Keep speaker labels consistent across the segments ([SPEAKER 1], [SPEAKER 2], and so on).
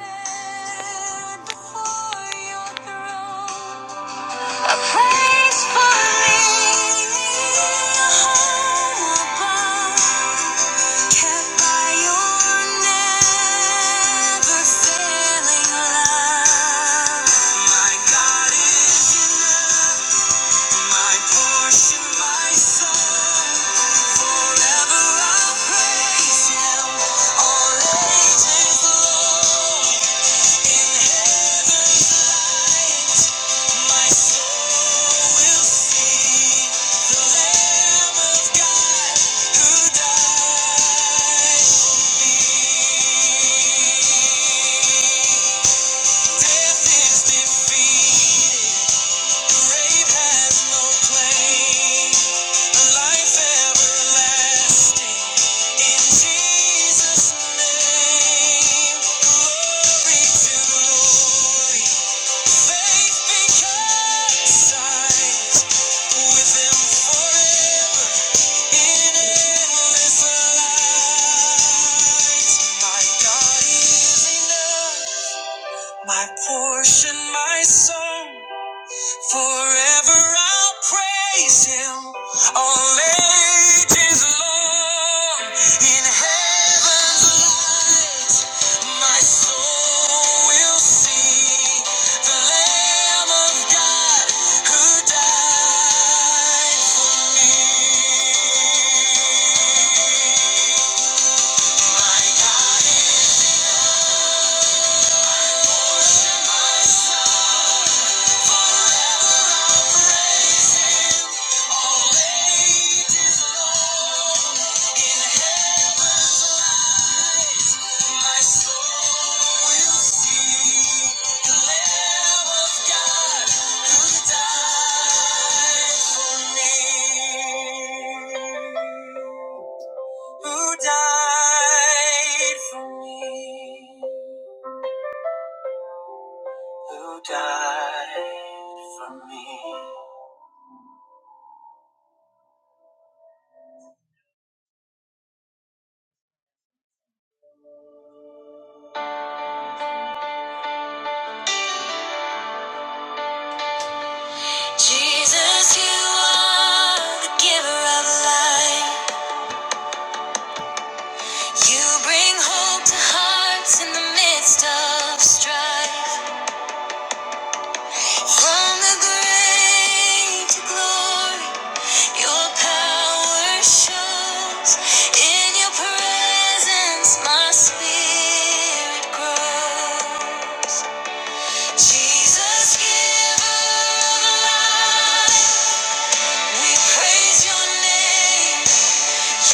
[SPEAKER 1] Forever I'll praise Him, all ages long. Jesus' name, glory to glory. Faith becomes sight with forever in endless light. My God is enough, my portion, my song. Forever I'll praise him, all ages long. In heaven's light, my soul will see the Lamb of God who died for me. My God is Who died for me? who died for me. Jesus, you are the giver of life. You bring hope to hearts in the midst of strife. From the grave to glory, your power shows. In your presence, my spirit grows. Jesus, giver of life. We praise your name.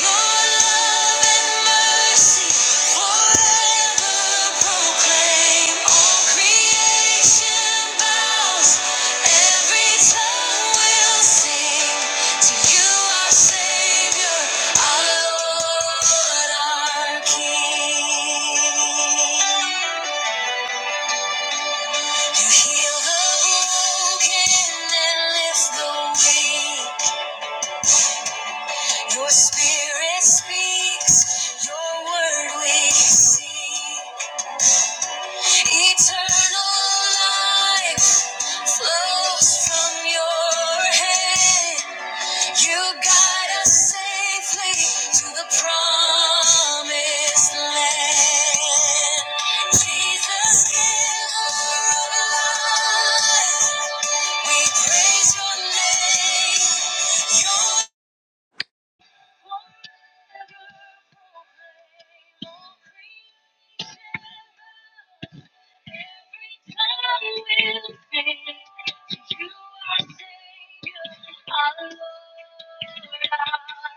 [SPEAKER 1] Your love and mercy forever proclaim. All creation bows, every tongue will sing. To you, our Savior, our Lord, our King. You heal the broken and lift the weight. Your spirit speaks, your word we see. Eternal life flows from your hand. You guide us safely to the promised land. Jesus, giver of life, we praise your name. Your Forever proclaiming every time we sing, You are Savior, our Lord and our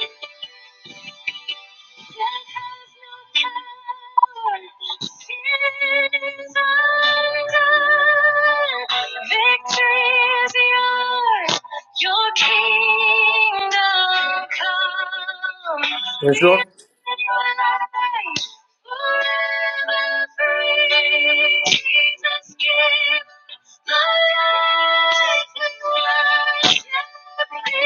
[SPEAKER 1] King. Victory is yours, your kingdom
[SPEAKER 2] Praise
[SPEAKER 1] come.
[SPEAKER 2] Lord.
[SPEAKER 1] And you and forever free. Jesus, give my life and worship me.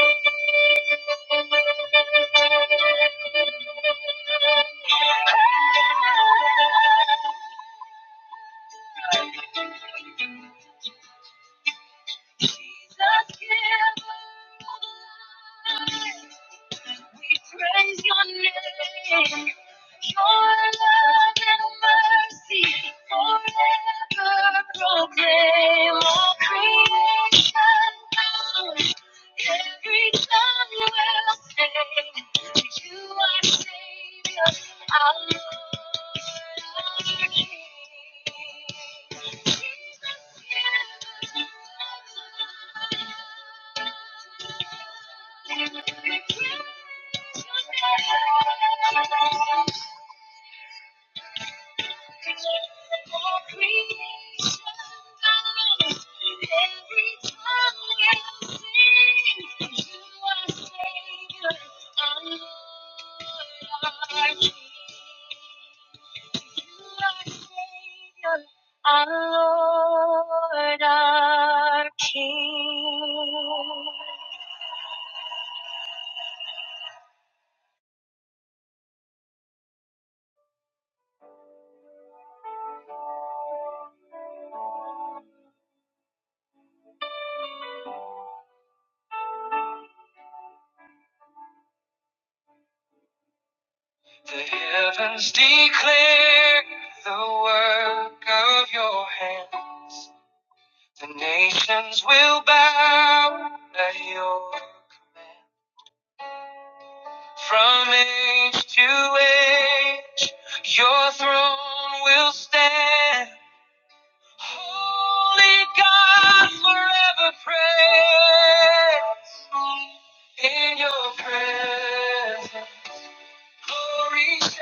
[SPEAKER 1] Jesus, give my life. We praise your name. Your love and mercy forever proclaim. All creation bows. Every tongue will say, You are Savior, our Lord, our King. Jesus, you are Lord. Our Lord, our King. The heavens declare the work of your hands. The nations will bow at your command. From age to age, your throne will stand. Holy God, forever praise in your presence. Glory shines,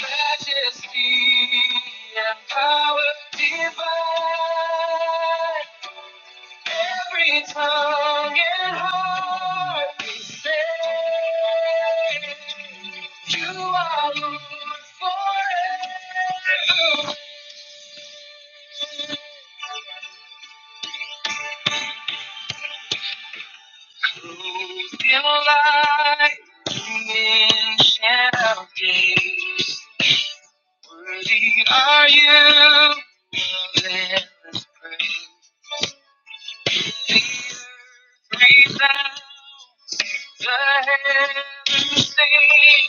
[SPEAKER 1] majesty and power divine. Every tongue and heart we say, You are Lord forever. Clothed in light, you ancient of days. Worthy are you, the Lamb of praise. The earth resounds, the heavens sing,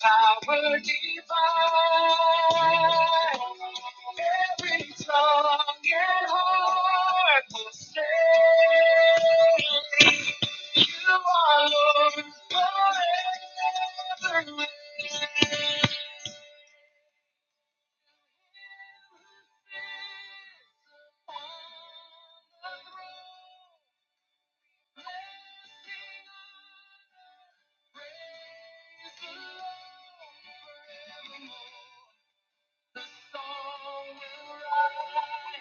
[SPEAKER 1] Power divine, every tongue and heart will say. You are Lord forever. The song will rise.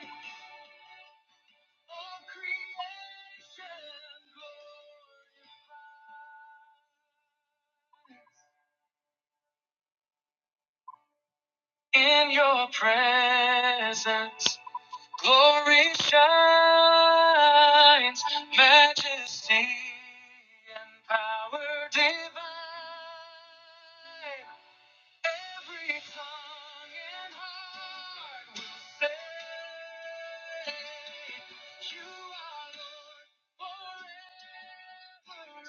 [SPEAKER 1] All creation glory. In your presence. Glory shines, majesty and power divine. Every song and heart will say, You are Lord forever.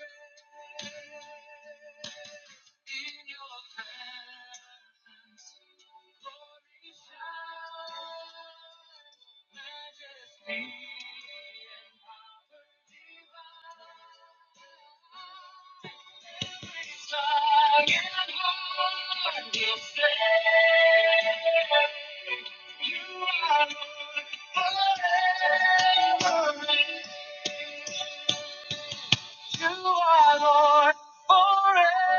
[SPEAKER 1] In your presence, glory shines majesty and power divine. Every song and heart will say, You are Lord forever. You are Lord forever.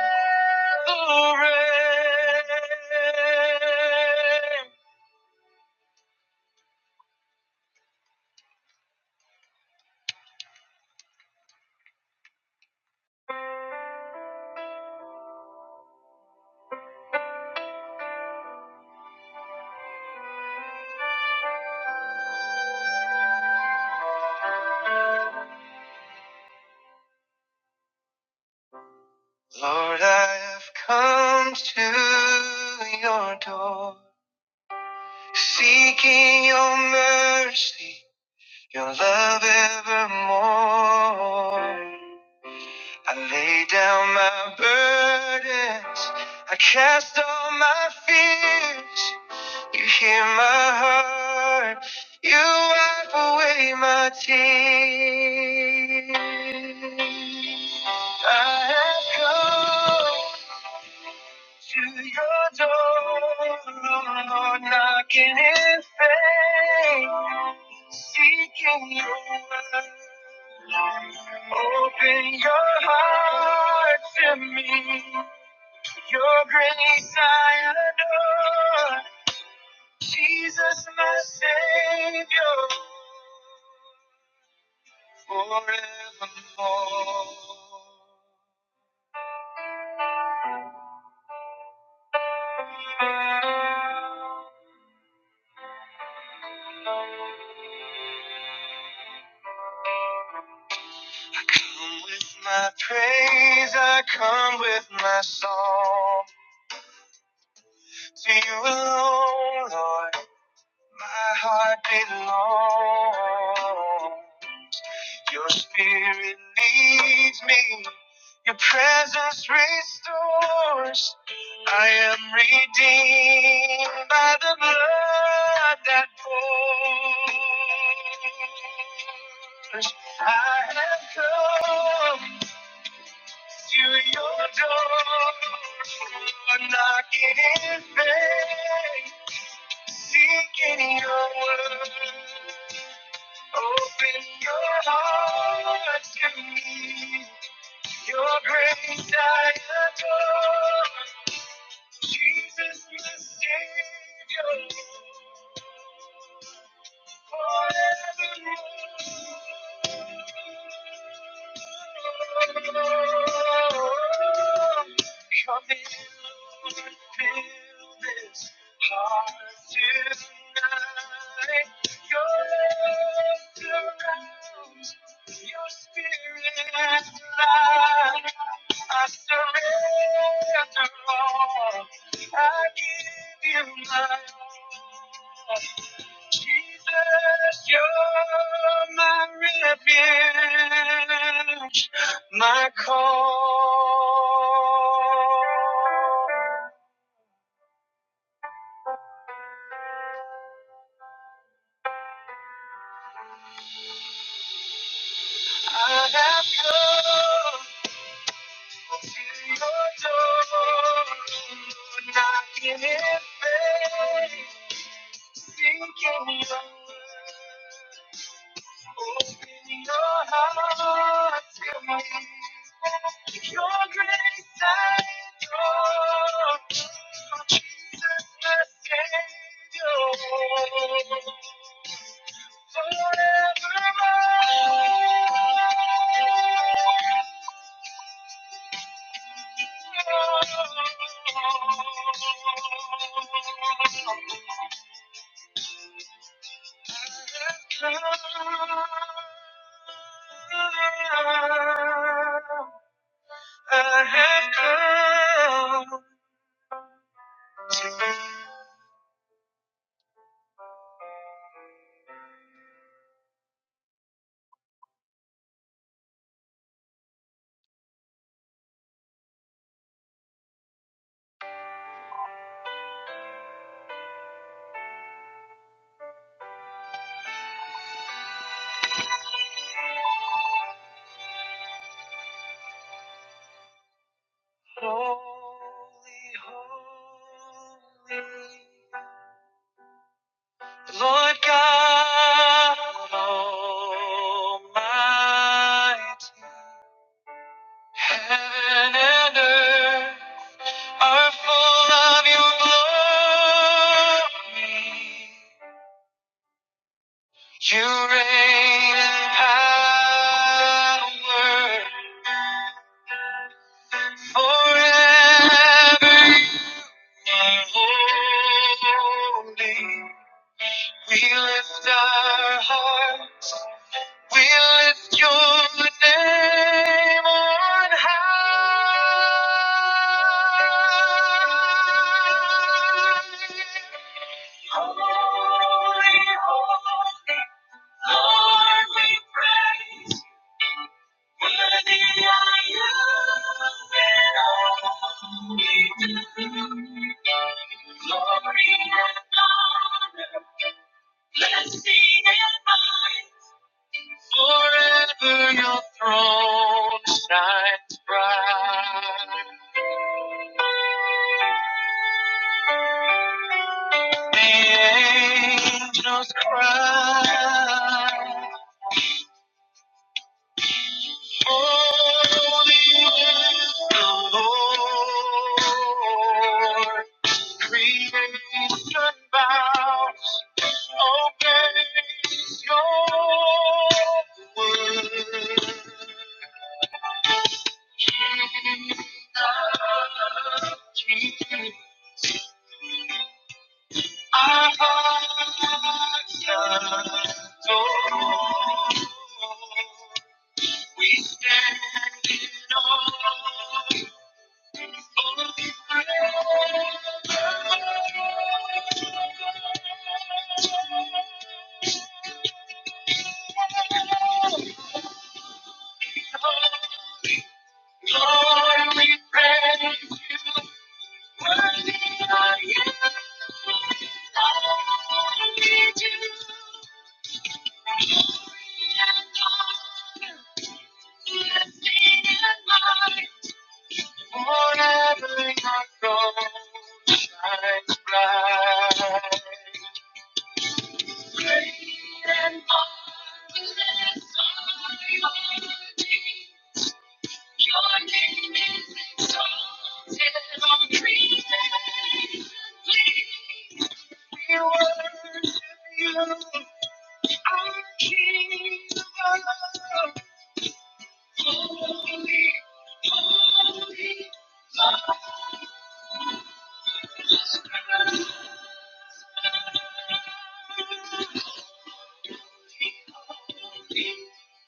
[SPEAKER 1] Lord, I have come to your door, seeking your mercy, your love evermore. I lay down my burdens, I cast all my fears. You hear my heart, you wipe away my tears. I have come to your door, Lord, knocking in faith, seeking your word. Open your heart to me, your grace I adore, Jesus my Savior, forevermore. come with my praise, I come with my song. To you alone, Lord, my heart belongs. Your spirit leads me, your presence restores. I am redeemed by the blood that pours. I have come. to your door, I'm knocking in vain, seeking your word. Open your heart to me, your grace I adore. Jesus, my Savior, forevermore. Come in, Lord, fill this Jesus, you're my refuge, my call. I have come to your door, knocking in faith, seeking your word. Open your heart to me. Your grace I adore. Jesus, the Savior, forevermore. I have come, holy, holy, Lord God Almighty. Heaven and earth are full of your glory. You reign in power forever. You are holy. We lift our hearts. We lift your name on high. Holy, holy, Lord, we praise. Worthy are you in all we do. Glory and honor, blessing and might. Forever your throne shines bright. The angels cry. Holy is the Lord. Creation bows obeys your word. Jesus, Our hearts adore. We stand in awe of your presence. Lord, we praise you. Lord, you are indeed you. Glory and honor, blessing and might, Forever your throne shines bright. Great and marvelous are your deeds. Your name is exalted on creation. We worship you, our King of love. Holy, holy,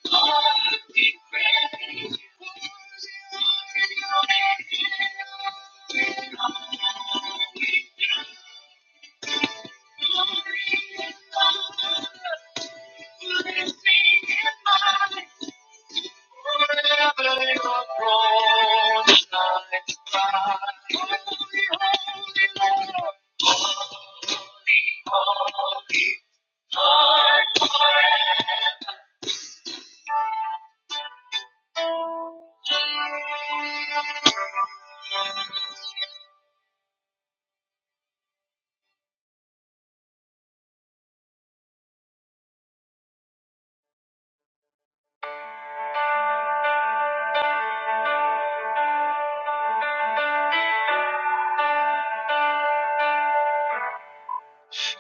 [SPEAKER 1] holy, we praise you. Holy, holy, Lord, holy, holy,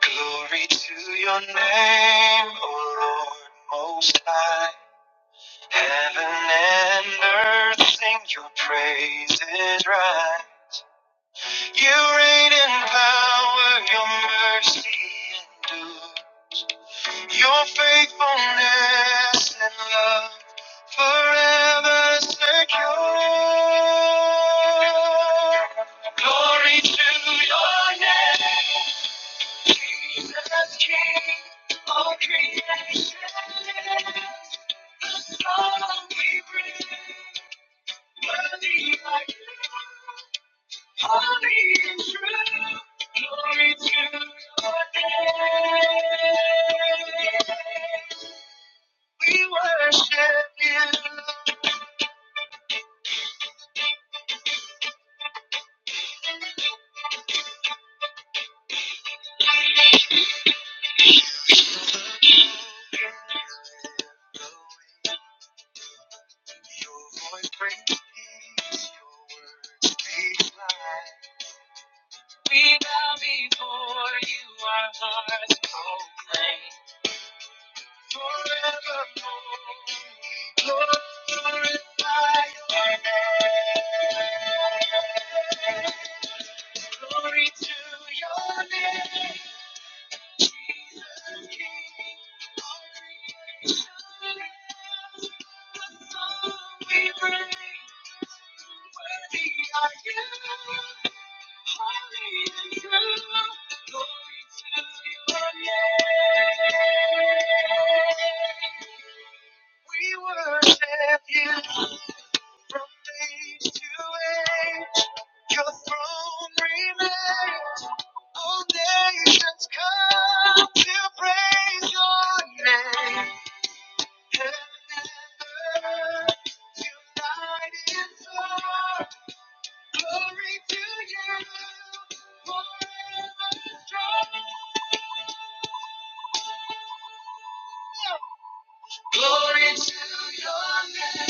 [SPEAKER 1] Glory to your name, O Lord Most High. Heaven and earth sing your praises right. You reign in power, your mercy endure. Your faithfulness and love forever secure. Glory to your name. Jesus King, of creation. the song we bring, worthy are you. Holy and true, glory to your name. We worship you. Your voice brings peace, your words speak life. before you are heart's cold. Lord, Glorify your name. Glory to your name, Jesus King. We bring worthy are you, holy and true. Glory to your name. We worship you from age to age. Your throne remains. All nations come to praise your name. Heaven and earth united in song. Glory to you forever strong. Glory to your name.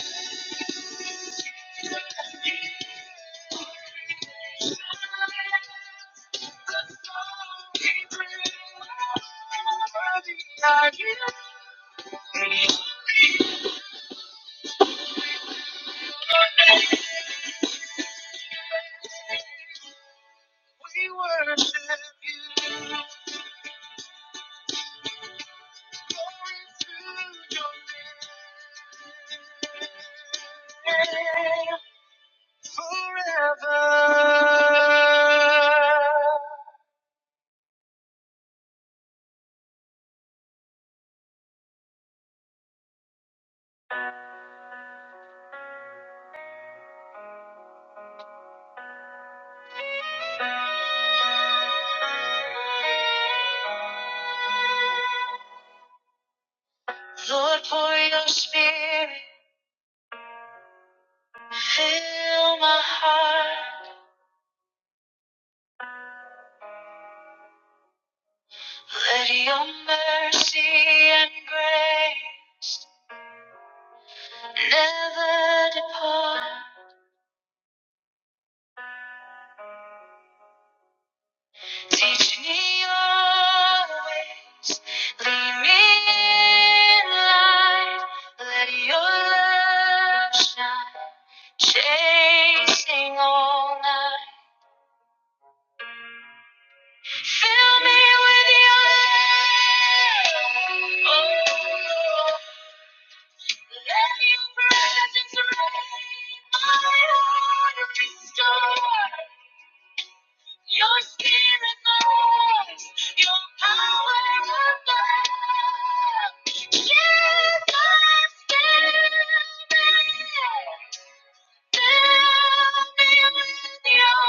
[SPEAKER 1] We worship you. Glory to your name forever. Lord, pour your spirit, fill my heart. Let your mercy and grace never depart. Teach me your ways, lead me in light. Let your love shine, chasing all night. Fill me with your love, oh Lord. Let your presence reign. My heart restore. Your spirit moves, your power above. Jesus, fill me, fill me with your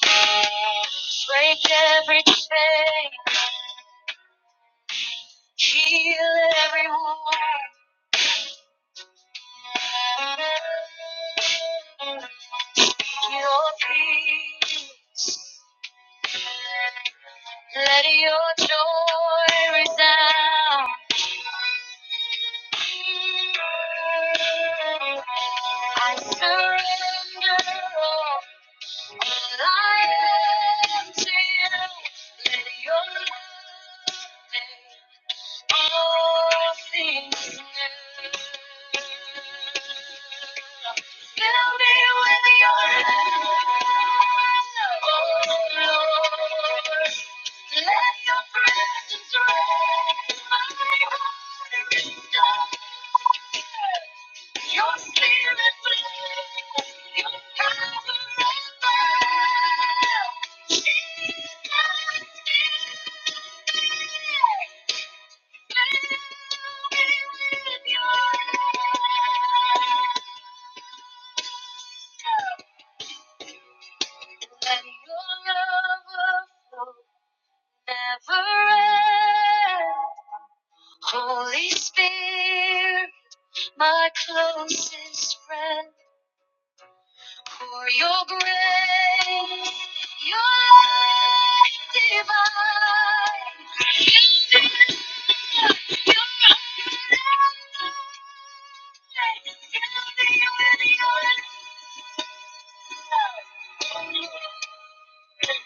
[SPEAKER 1] love. Break every chain, heal every wound. Your peace, let your joy resound. I surrender all, all I am to you. Let your love all things new. Fill me with your love, oh Lord. Let your presence rest. My heart is done. Your spirit flows. Your power abounds. Jesus is here. And your love will never end. Holy Spirit, my closest friend, pour your grace, your light divine. Your love, your your Fill me with your love. Fill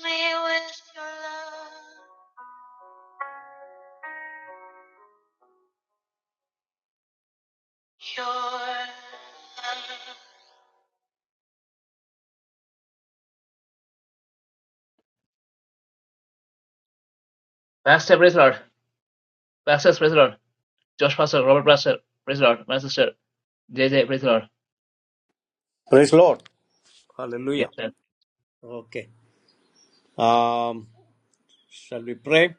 [SPEAKER 1] me with your wrestler, best wrestler. Josh Pastor, Robert Pastor, praise the Lord, my sister, JJ, praise the Lord.
[SPEAKER 2] Praise Lord.
[SPEAKER 1] Yes,
[SPEAKER 2] Hallelujah.
[SPEAKER 1] sir.
[SPEAKER 2] Okay. Um, shall we pray?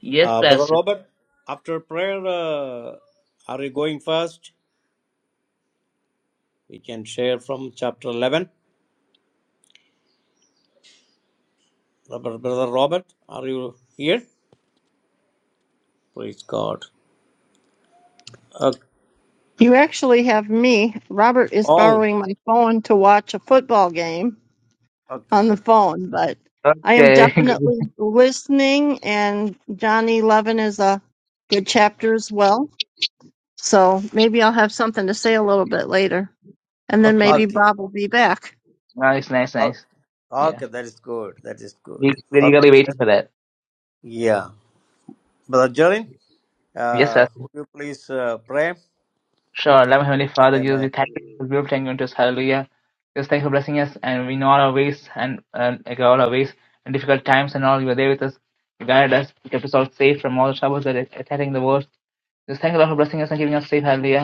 [SPEAKER 1] Yes,
[SPEAKER 2] Uh, Brother
[SPEAKER 1] Pastor.
[SPEAKER 2] Robert, after prayer, uh, are you going first? We can share from chapter 11. Brother, Brother Robert, are you here? Praise God. Okay.
[SPEAKER 3] You actually have me. Robert is
[SPEAKER 2] Oh,
[SPEAKER 3] borrowing my phone to watch a football game
[SPEAKER 2] okay.
[SPEAKER 3] on the phone, but I am
[SPEAKER 1] Okay, good.
[SPEAKER 3] definitely listening, and Johnny Levin is a good chapter as well. So maybe I'll have something to say a little bit later, and then
[SPEAKER 1] okay,
[SPEAKER 3] maybe
[SPEAKER 2] Okay.
[SPEAKER 3] Bob will be back.
[SPEAKER 1] nice, nice,
[SPEAKER 2] Oh,
[SPEAKER 1] nice. Yeah,
[SPEAKER 2] Okay, that is good. That is good.
[SPEAKER 1] we we're eagerly
[SPEAKER 2] Okay.
[SPEAKER 1] waiting for that.
[SPEAKER 2] Yeah. Brother Jerin,
[SPEAKER 1] Yes,
[SPEAKER 2] uh,
[SPEAKER 1] Pastor.
[SPEAKER 2] would you please uh, pray?
[SPEAKER 1] Sure, love Heavenly Father, Jesus,
[SPEAKER 2] Amen.
[SPEAKER 1] we thank you for this beautiful thank you us. Hallelujah. Just thank you for blessing us, and we know all our ways and uh, like all our ways and difficult times and all. You were there with us, you guided us, you kept us all safe from all the troubles that are attacking the world. Just thank you, Lord, for blessing us and keeping us safe. Hallelujah.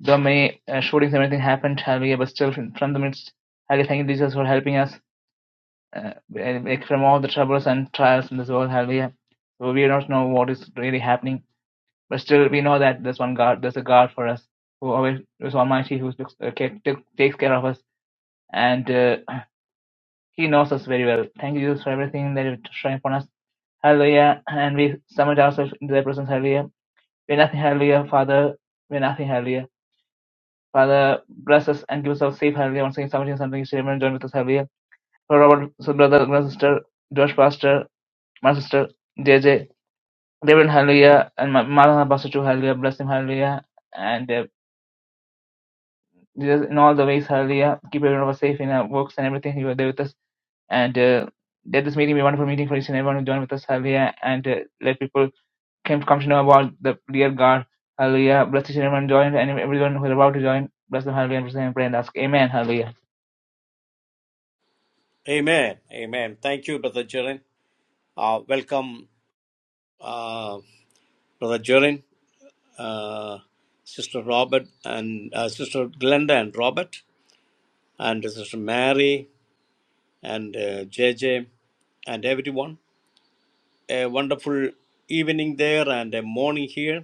[SPEAKER 1] The May shootings, and everything happened. Hallelujah. But still, from the midst, Hallelujah, thank you, Jesus, for helping us uh, from all the troubles and trials in this world. Hallelujah. So we don't know what is really happening, but still we know that there's one God, there's a God for us who always is Almighty, who looks, uh, ca- took- takes care of us, and uh, He knows us very well. Thank you, Jesus, for everything that you're trying upon us. Hallelujah. And we submit ourselves into their presence. Hallelujah. We're nothing, hallelujah, Father. We're nothing, hallelujah. Father Blazes and gives Joseph C. Farley once again submitting something statement join with us, Xavier, Robert, his brother, grand sister, Josh Pastor, my sister, JJ, David Hallelujah, and my Martha Pastor to Hallelujah, bless him, Hallelujah, and uh, Jesus in all the ways, Hallelujah, keep everyone of us safe in our works and everything, you are there with us, and uh, let this meeting be a wonderful meeting for each and everyone who joined with us, Hallelujah, and uh, let people come, come to know about the dear God, Hallelujah, bless each and everyone joined, and everyone who is about to join, bless them, Hallelujah, and pray and ask, Amen, Hallelujah.
[SPEAKER 2] Amen. Amen. Thank you, Brother Jiren. Uh, welcome, uh, Brother Jorin, uh, Sister Robert, and uh, Sister Glenda and Robert, and Sister Mary, and uh, JJ, and everyone. A wonderful evening there and a morning here.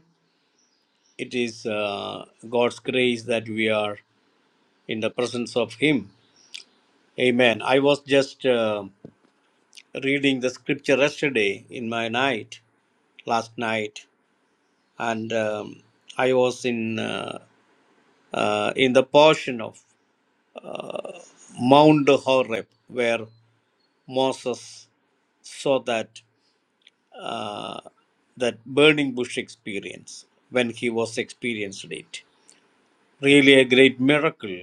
[SPEAKER 2] It is uh, God's grace that we are in the presence of Him. Amen. I was just uh, reading the scripture yesterday in my night, last night, and um, I was in. Uh, uh, in the portion of Mount Horeb where Moses saw that uh, that burning bush experience when he was experienced it. Really a great miracle.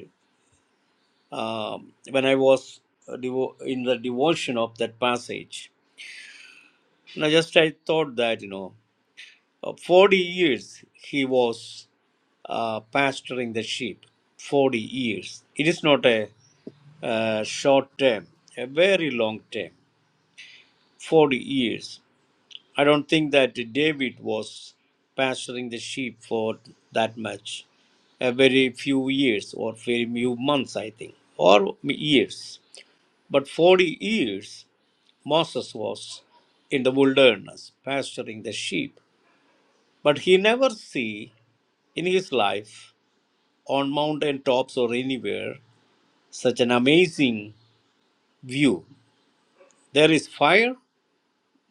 [SPEAKER 2] Um, when I was devo- in the devotion of that passage, you know, just I thought that you know, uh, forty years he was uh, pasturing the sheep. Forty years. It is not a uh, short term, a very long term, 40 years. I don't think that David was pasturing the sheep for that much, a very few years or very few months, I think, or years. But 40 years, Moses was in the wilderness pasturing the sheep. But he never see in his life on mountain tops or anywhere such an amazing view. There is fire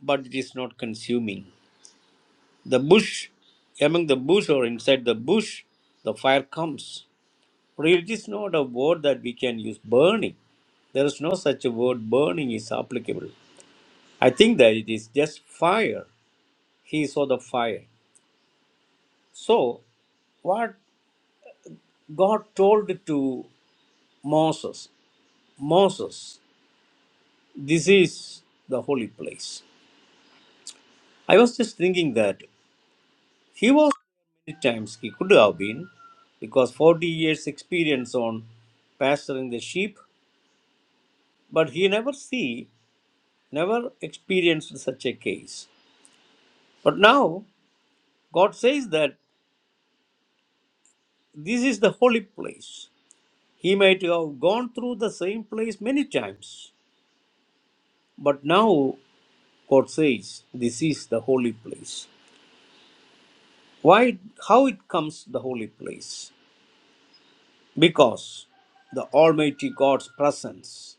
[SPEAKER 2] but it is not consuming. The bush, among the bush or inside the bush, the fire comes. For it is not a word that we can use burning. There is no such a word burning is applicable. I think that it is just fire. He saw the fire. So, what God told to Moses, Moses, this is the holy place. I was just thinking that. He was there many times he could have been, because 40 years experience on pasturing the sheep, but he never see, never experienced such a case. But now God says that this is the holy place. He might have gone through the same place many times, but now God says this is the holy place. Why? How it comes the holy place? Because the Almighty God's presence.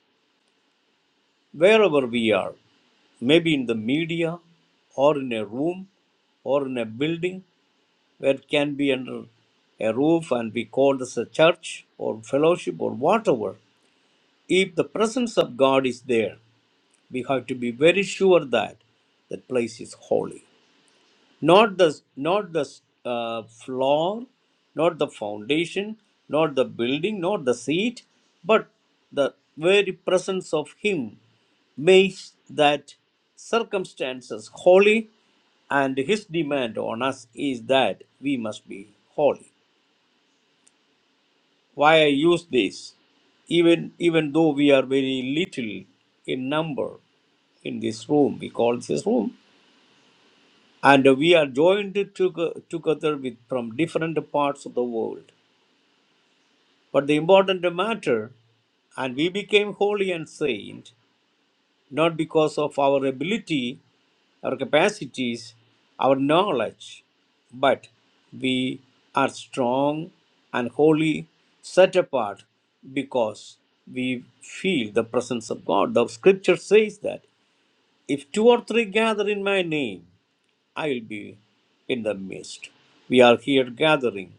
[SPEAKER 2] wherever we are, maybe in the media or in a room or in a building where it can be under a roof and we call this a church or fellowship or whatever. If the presence of God is there, we have to be very sure that that place is holy not the not the uh, floor not the foundation not the building not the seat but the very presence of him makes that circumstances holy and his demand on us is that we must be holy why i use this even even though we are very little in number in this room we call this room and we are joined to- together with from different parts of the world. But the important matter, and we became holy and saint not because of our ability, our capacities, our knowledge, but we are strong and holy, set apart because we feel the presence of God. The scripture says that. If two or three gather in my name, I will be in the midst. We are here gathering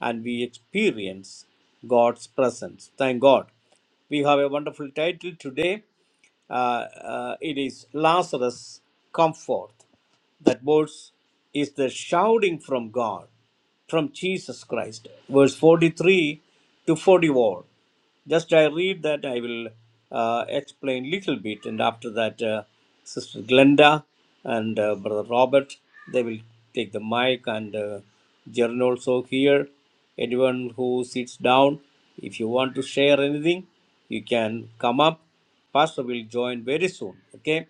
[SPEAKER 2] and we experience God's presence. Thank God. We have a wonderful title today. Uh, uh, it is Lazarus, come forth. That verse is the shouting from God from Jesus Christ, verse 43 to 44. Just I read that, I will uh, explain little bit, and after that, uh, Sister Glenda and uh, Brother Robert, they will take the mic, and uh, Jaren also here. Anyone who sits down, if you want to share anything, you can come up. Pastor will join very soon. Okay.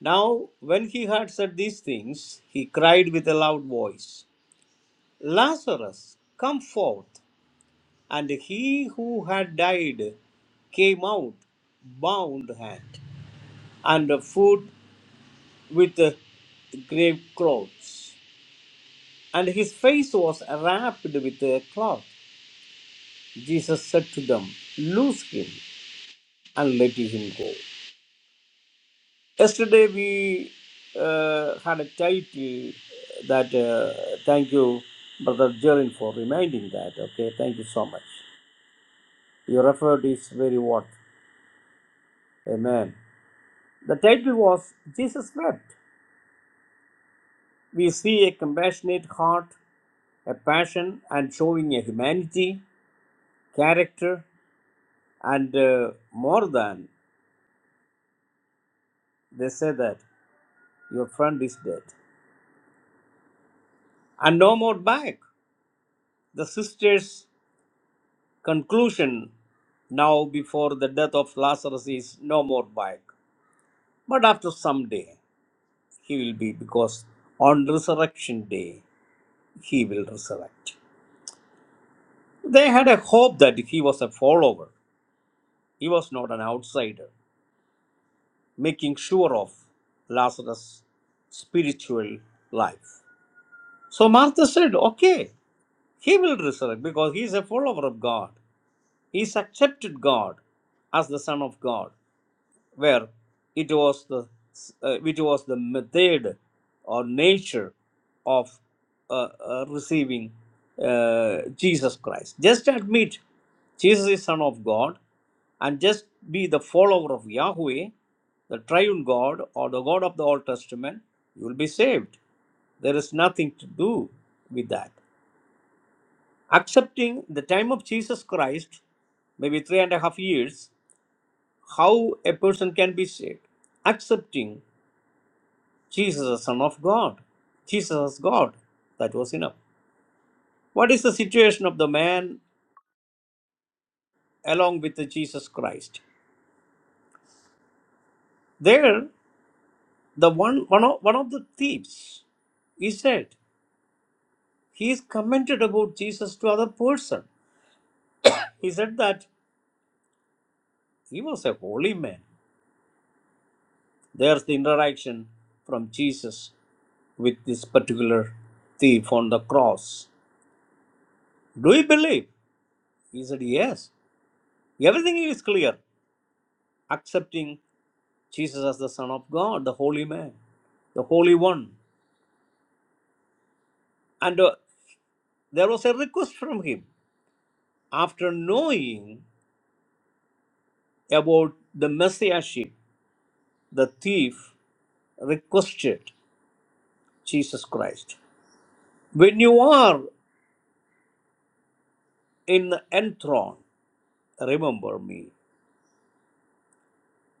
[SPEAKER 2] Now, when he had said these things, he cried with a loud voice Lazarus, come forth. And he who had died came out, bound hand and foot with uh, grave clothes. And his face was wrapped with a cloth. Jesus said to them, Loose him and let him go. Yesterday we uh, had a title that, uh, thank you, Brother Jerin, for reminding that. Okay, thank you so much. Your effort is very worth. Amen. The title was Jesus Wept. We see a compassionate heart, a passion, and showing a humanity, character, and uh, more than they say that your friend is dead. And no more back. The sister's conclusion now before the death of Lazarus is no more back. But after some day he will be, because on resurrection day he will resurrect. They had a hope that he was a follower He was not an outsider, making sure of Lazarus' spiritual life. So Martha said, Okay, he will resurrect because he is a follower of God. He has accepted God as the Son of God where it was the uh, which was the method or nature of uh, uh, receiving uh, Jesus Christ. Just admit Jesus is Son of God, and just be the follower of Yahweh, the Triune God or the God of the Old Testament. You will be saved. There is nothing to do with that. Accepting the time of Jesus Christ, maybe three and a half years, how a person can be saved accepting jesus as son of god jesus as god that was enough what is the situation of the man along with the jesus christ there the one one of, one of the thieves he said he is commented about jesus to other person he said that he was a holy man there's the interaction from jesus with this particular thief on the cross do you believe he said yes Everything is clear. Accepting Jesus as the Son of God, the Holy Man, the Holy One. And uh, there was a request from him. After knowing about the Messiahship, the thief requested Jesus Christ. When you are in the enthroned, remember me,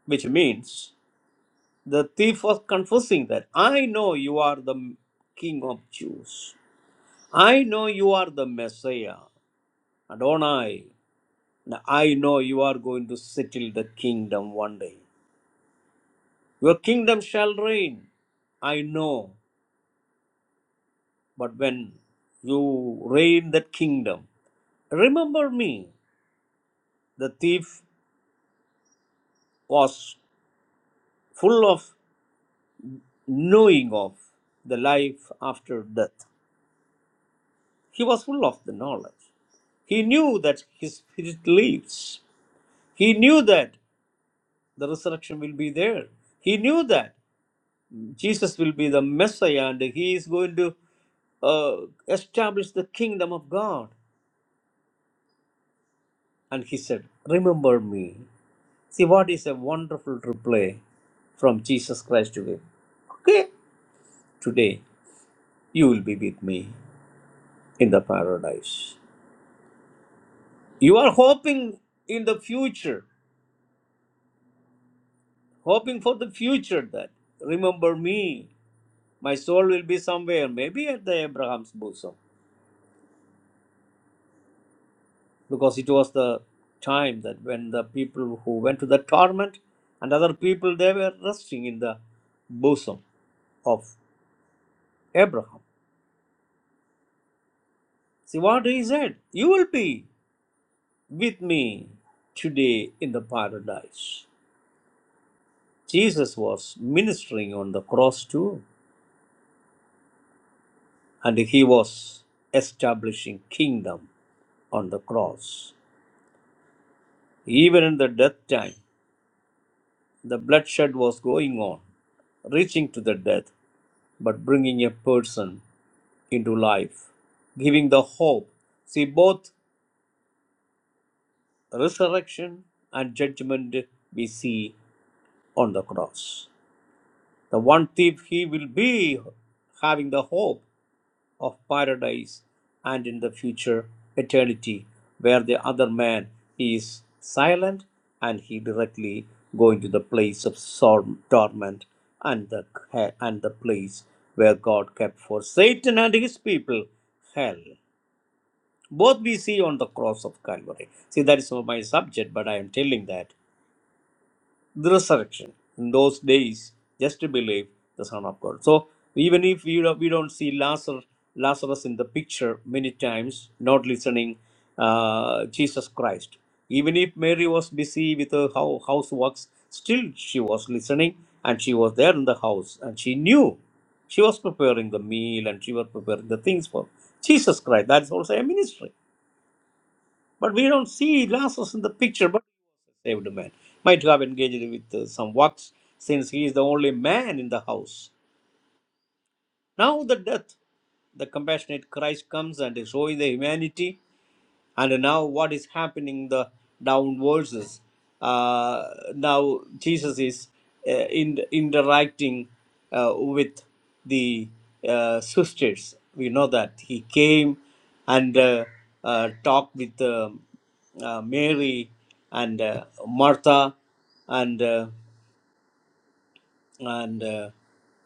[SPEAKER 2] which means the thief was confessing that I know you are the King of Jews. I know you are the Messiah, Adonai. Now I know you are going to settle the kingdom one day. Your kingdom shall reign. I know. But when you reign that kingdom, remember me. The thief was full of knowing of the life after death. He was full of the knowledge. He knew that his spirit lives. He knew that the resurrection will be there. He knew that Jesus will be the Messiah and he is going to uh, establish the kingdom of God. And he said, Remember me. See, what is a wonderful reply from Jesus Christ to him? Okay, today you will be with me in the paradise. You are hoping in the future, hoping for the future that remember me. My soul will be somewhere, maybe at the Abraham's bosom because it was the time that when the people who went to the torment and other people they were resting in the bosom of Abraham. See what he said? You will be with me today in the paradise. Jesus was ministering on the cross too, and he was establishing kingdom on the cross. Even in the death time, the bloodshed was going on, reaching to the death, but bringing a person into life, giving the hope. See, both resurrection and judgment we see on the cross. The one thief, he will be having the hope of paradise and in the future eternity, where the other man is silent and he directly going to the place of sorrow, torment and the and the place where God kept for Satan and his people hell Both we see on the cross of Calvary. See, that is not my subject, but I am telling that the resurrection in those days, just to believe the Son of God. So even if we don't, we don't see Lazarus, Lazarus in the picture many times, not listening, uh, Jesus Christ. Even if Mary was busy with her hou- houseworks, still she was listening and she was there in the house and she knew she was preparing the meal and she was preparing the things for Jesus Christ. That's also a ministry. But we don't see Lazarus in the picture, but he was a saved man. Might have engaged with uh, some works since he is the only man in the house. Now the death, the compassionate Christ comes and is showing the humanity and now what is happening in the down verses uh, now jesus is uh, in, interacting uh, with the uh, sisters we know that he came and uh, uh, talked with um, uh, mary and uh, martha and uh, and uh,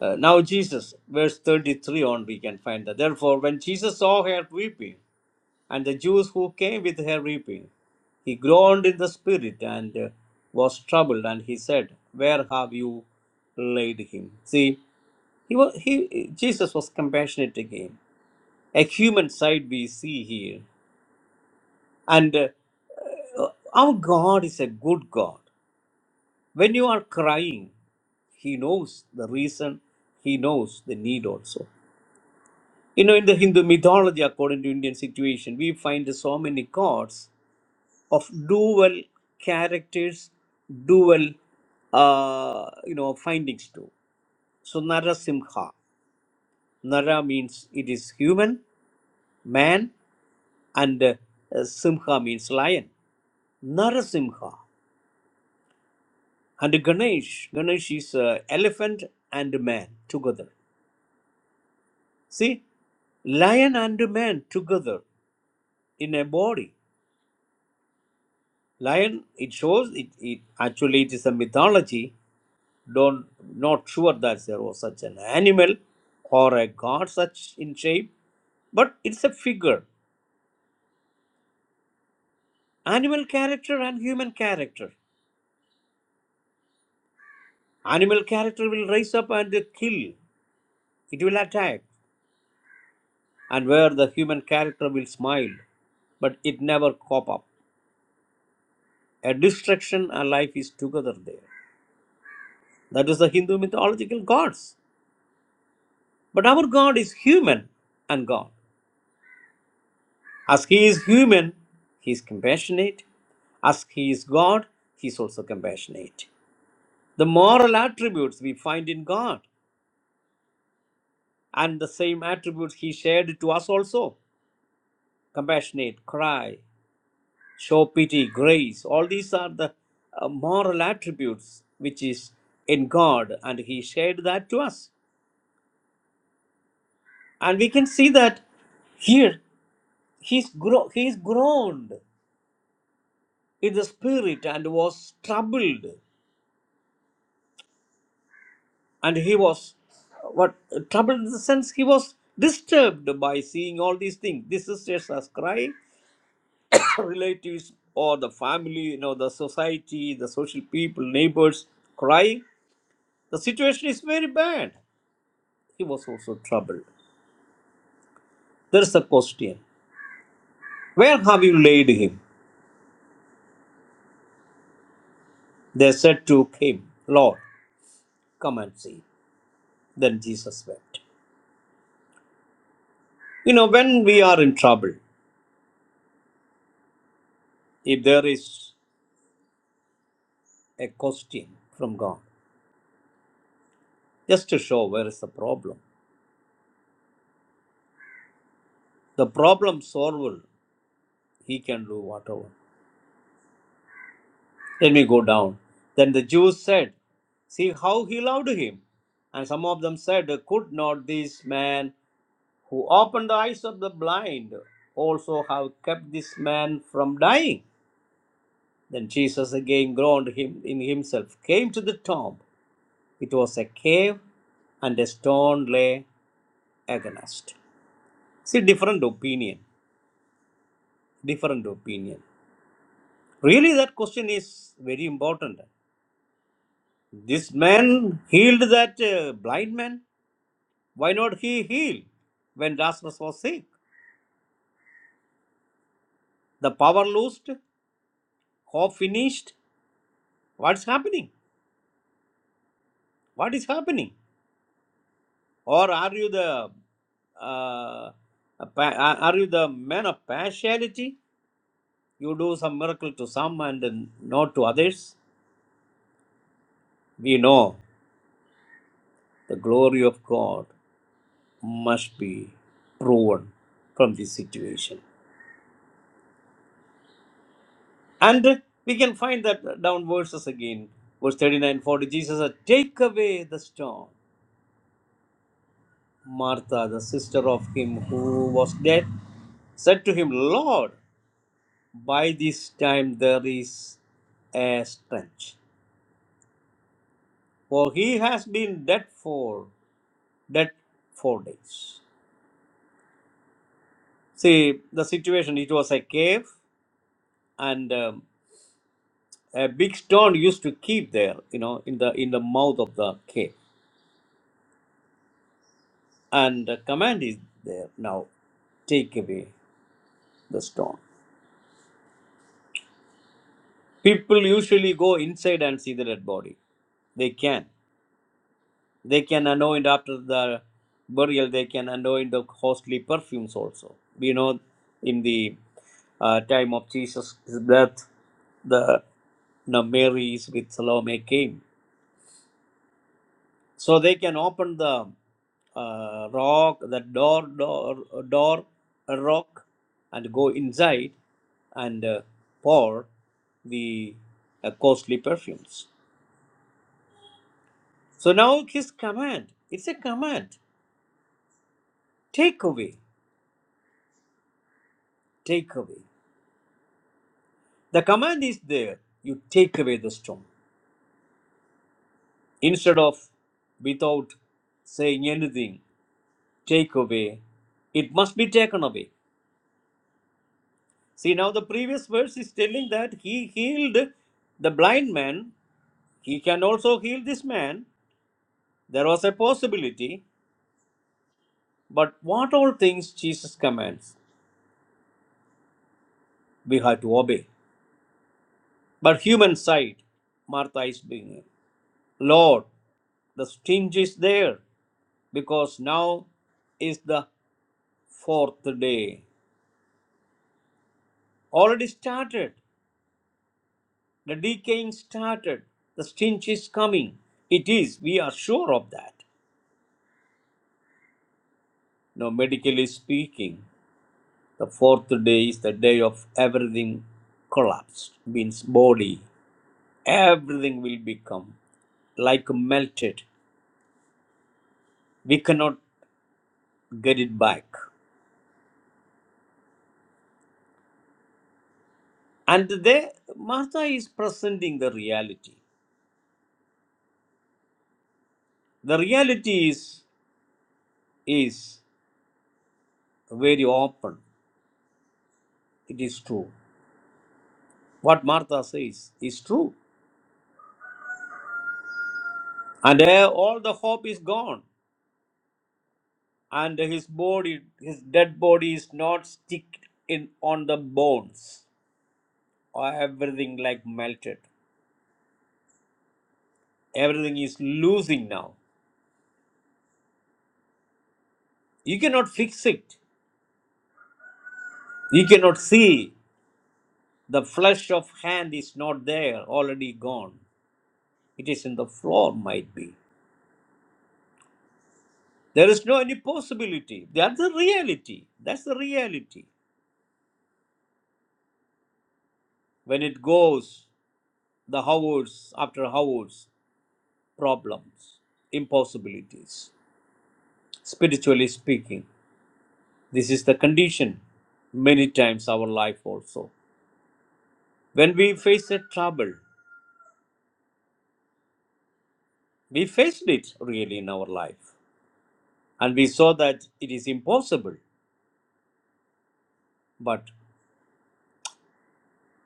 [SPEAKER 2] uh, now, Jesus, verse 33 on, we can find that. Therefore, when Jesus saw her weeping, and the Jews who came with her weeping, he groaned in the spirit and uh, was troubled, and he said, Where have you laid him? See, he was, he, Jesus was compassionate again. A human side we see here. And uh, our God is a good God. When you are crying, he knows the reason, he knows the need also. You know, in the Hindu mythology, according to Indian situation, we find so many gods of dual characters, dual, uh, you know, findings too. So Narasimha, Nara means it is human, man, and uh, Simha means lion. Narasimha and Ganesh. Ganesh is uh, elephant and man together. See, lion and man together in a body. Lion, it shows it, it actually it is a mythology. Don't not sure that there was such an animal or a god such in shape, but it's a figure. Animal character and human character. Animal character will rise up and kill. It will attack, and where the human character will smile, but it never cop up. A destruction and life is together there. That was the Hindu mythological gods. But our God is human and God. As He is human, He is compassionate. As He is God, He is also compassionate. The moral attributes we find in God, and the same attributes He shared to us also compassionate, cry, show pity, grace. All these are the uh, moral attributes which is in God, and He shared that to us. And we can see that here. He's gro- he is groaned in the spirit and was troubled, and he was what troubled in the sense he was disturbed by seeing all these things. The sisters are crying, relatives or the family, you know, the society, the social people, neighbors crying. The situation is very bad. He was also troubled. There is a question. Where have you laid him? They said to him, Lord, come and see. Then Jesus wept. You know, when we are in trouble, if there is a question from God, just to show where is the problem. The problem solver, he can do whatever. Let me go down. Then the Jews said, See how he loved him. And some of them said, Could not this man who opened the eyes of the blind also have kept this man from dying? Then Jesus again groaned him in himself, came to the tomb. It was a cave, and a stone lay against. See, different opinion. Different opinion. Really, that question is very important. This man healed that uh, blind man. Why not he heal when Lazarus was sick? The power lost, hope finished. What's happening? What is happening? Or are you the uh, a pa- are you the man of partiality? You do some miracle to some and then not to others. We know the glory of God. must be proven from this situation. And we can find that down verses again. Verse 39, 40. Jesus said, Take away the stone. Martha, the sister of him who was dead, said to him, Lord, by this time there is a stench, for he has been dead for dead four days. See the situation. It was a cave, and um, a big stone used to keep there you know in the in the mouth of the cave and the command is there now take away the stone people usually go inside and see the dead body they can they can anoint after the burial they can anoint the costly perfumes also we know in the uh, time of jesus' death the now mary is with salome came so they can open the uh, rock, the door, door, door, a rock, and go inside and uh, pour the uh, costly perfumes. So now his command, it's a command. Take away, take away. The command is there. You take away the stone. Instead of without saying anything, take away. It must be taken away. See, now the previous verse is telling that he healed the blind man. He can also heal this man. There was a possibility. But what all things Jesus commands, we have to obey. But human side, Martha is being, Lord, the sting is there because now is the fourth day. Already started. The decaying started. The stench is coming. It is. We are sure of that. Now, medically speaking. The fourth day is the day of everything collapsed, means body. Everything will become like melted. We cannot get it back. And there, Martha is presenting the reality. The reality is is very open. It is true. What Martha says is true. And there, all the hope is gone. And his body, his dead body is not stick in on the bones. everything like melted everything is losing now you cannot fix it you cannot see the flesh of hand is not there already gone it is in the floor might be there is no any possibility that's the reality that's the reality when it goes the hours after hours problems impossibilities spiritually speaking this is the condition many times our life also when we face a trouble We faced it really in our life. And we saw that it is impossible. But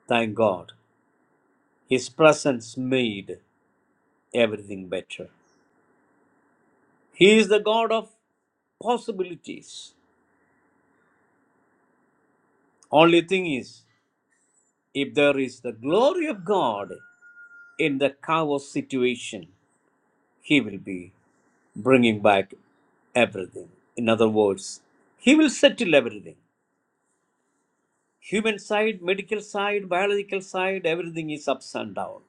[SPEAKER 2] thank God, His presence made everything better. He is the God of possibilities. Only thing is, if there is the glory of God in the chaos situation, He will be bringing back everything. In other words, He will settle everything. Human side, medical side, biological side, everything is ups and down.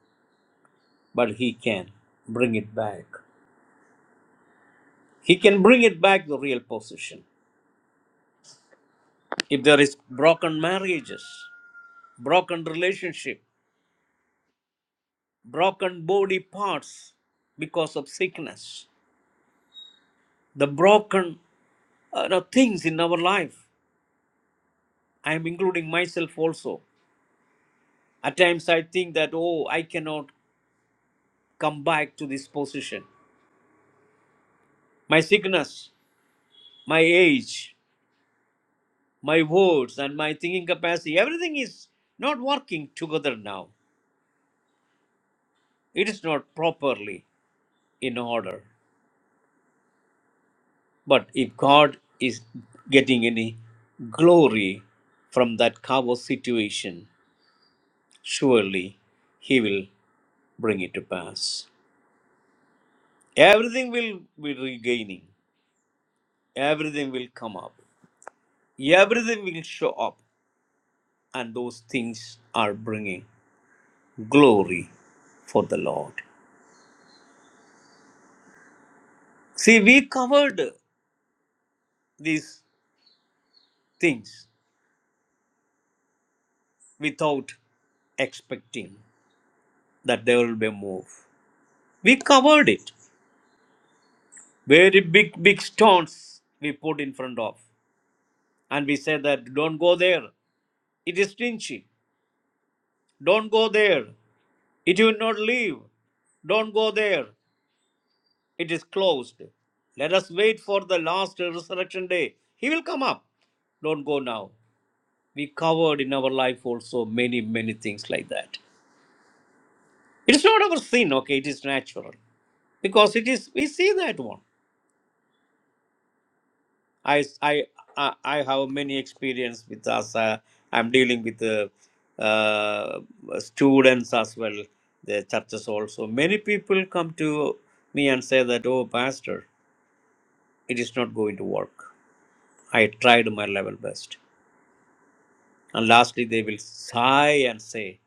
[SPEAKER 2] but he can bring it back. He can bring it back the real position. If there is broken marriages, broken relationship, broken body parts because of sickness, the broken uh, the things in our life, I am including myself also. At times I think that, oh, I cannot come back to this position. My sickness, my age, my words, and my thinking capacity, everything is not working together now. it is not properly in order. But if God is getting any glory from that chaos situation, surely He will bring it to pass. Everything will be regaining, everything will come up, everything will show up, and those things are bringing glory for the Lord. See, we covered these things without expecting that there will be a move. we covered it very big big stones we put in front of and we said that don't go there it is stingy don't go there it will not leave don't go there it is closed let us wait for the last resurrection day he will come up don't go now we covered in our life also many many things like that it is not our sin okay it is natural because it is we see that one I I I I have many experience with us. Uh, I'm dealing with the uh, students as well. The churches also. Many people come to me and say that, "Oh, pastor, it is not going to work. I tried my level best." And lastly, they will sigh and say,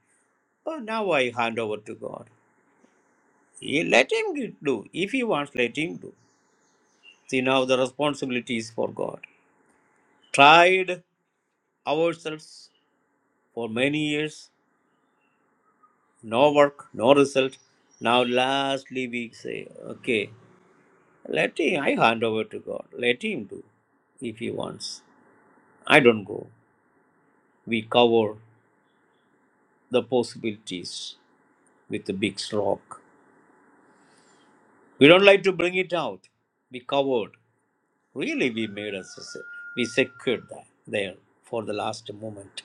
[SPEAKER 2] "Oh, now I hand over to God. He, let him do. If he wants, let him do." See, now the responsibility is for God. Tried ourselves for many years no work, no result. Now, lastly, we say, okay, let him, I hand over to God. Let him do if he wants. I don't go. We cover the possibilities with a big rock. We don't like to bring it out. We covered. Really, we made us, we secured that there for the last moment.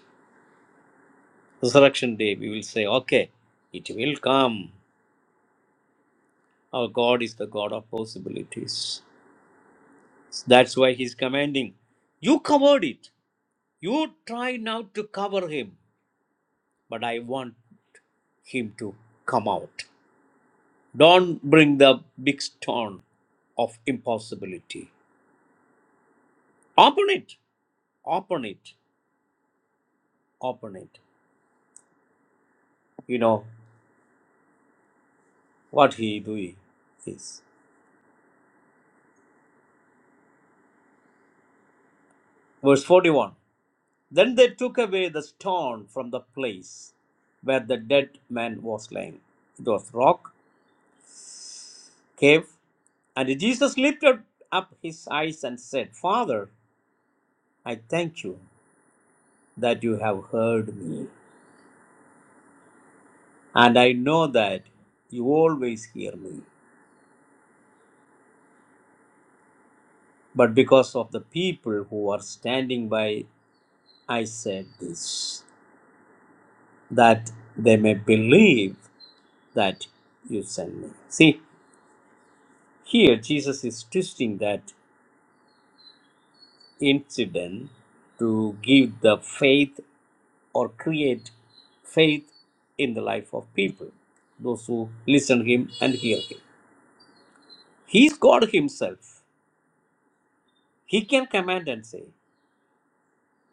[SPEAKER 2] Resurrection day, we will say, okay, it will come. Our God is the God of possibilities. That's why he's commanding, You covered it. You try now to cover him, but I want him to come out. Don't bring the big stone of impossibility. Open it. Open it. Open it. You know what he doing is. Verse 41. Then they took away the stone from the place where the dead man was lying. It was rock, cave, And Jesus lifted up his eyes and said, Father, I thank you that you have heard me, and I know that you always hear me. But because of the people who are standing by, I said this, that they may believe that you sent me. See, here Jesus is twisting that incident to give the faith or create faith in the life of people, those who listen to him and hear him. He is God himself. He can command and say,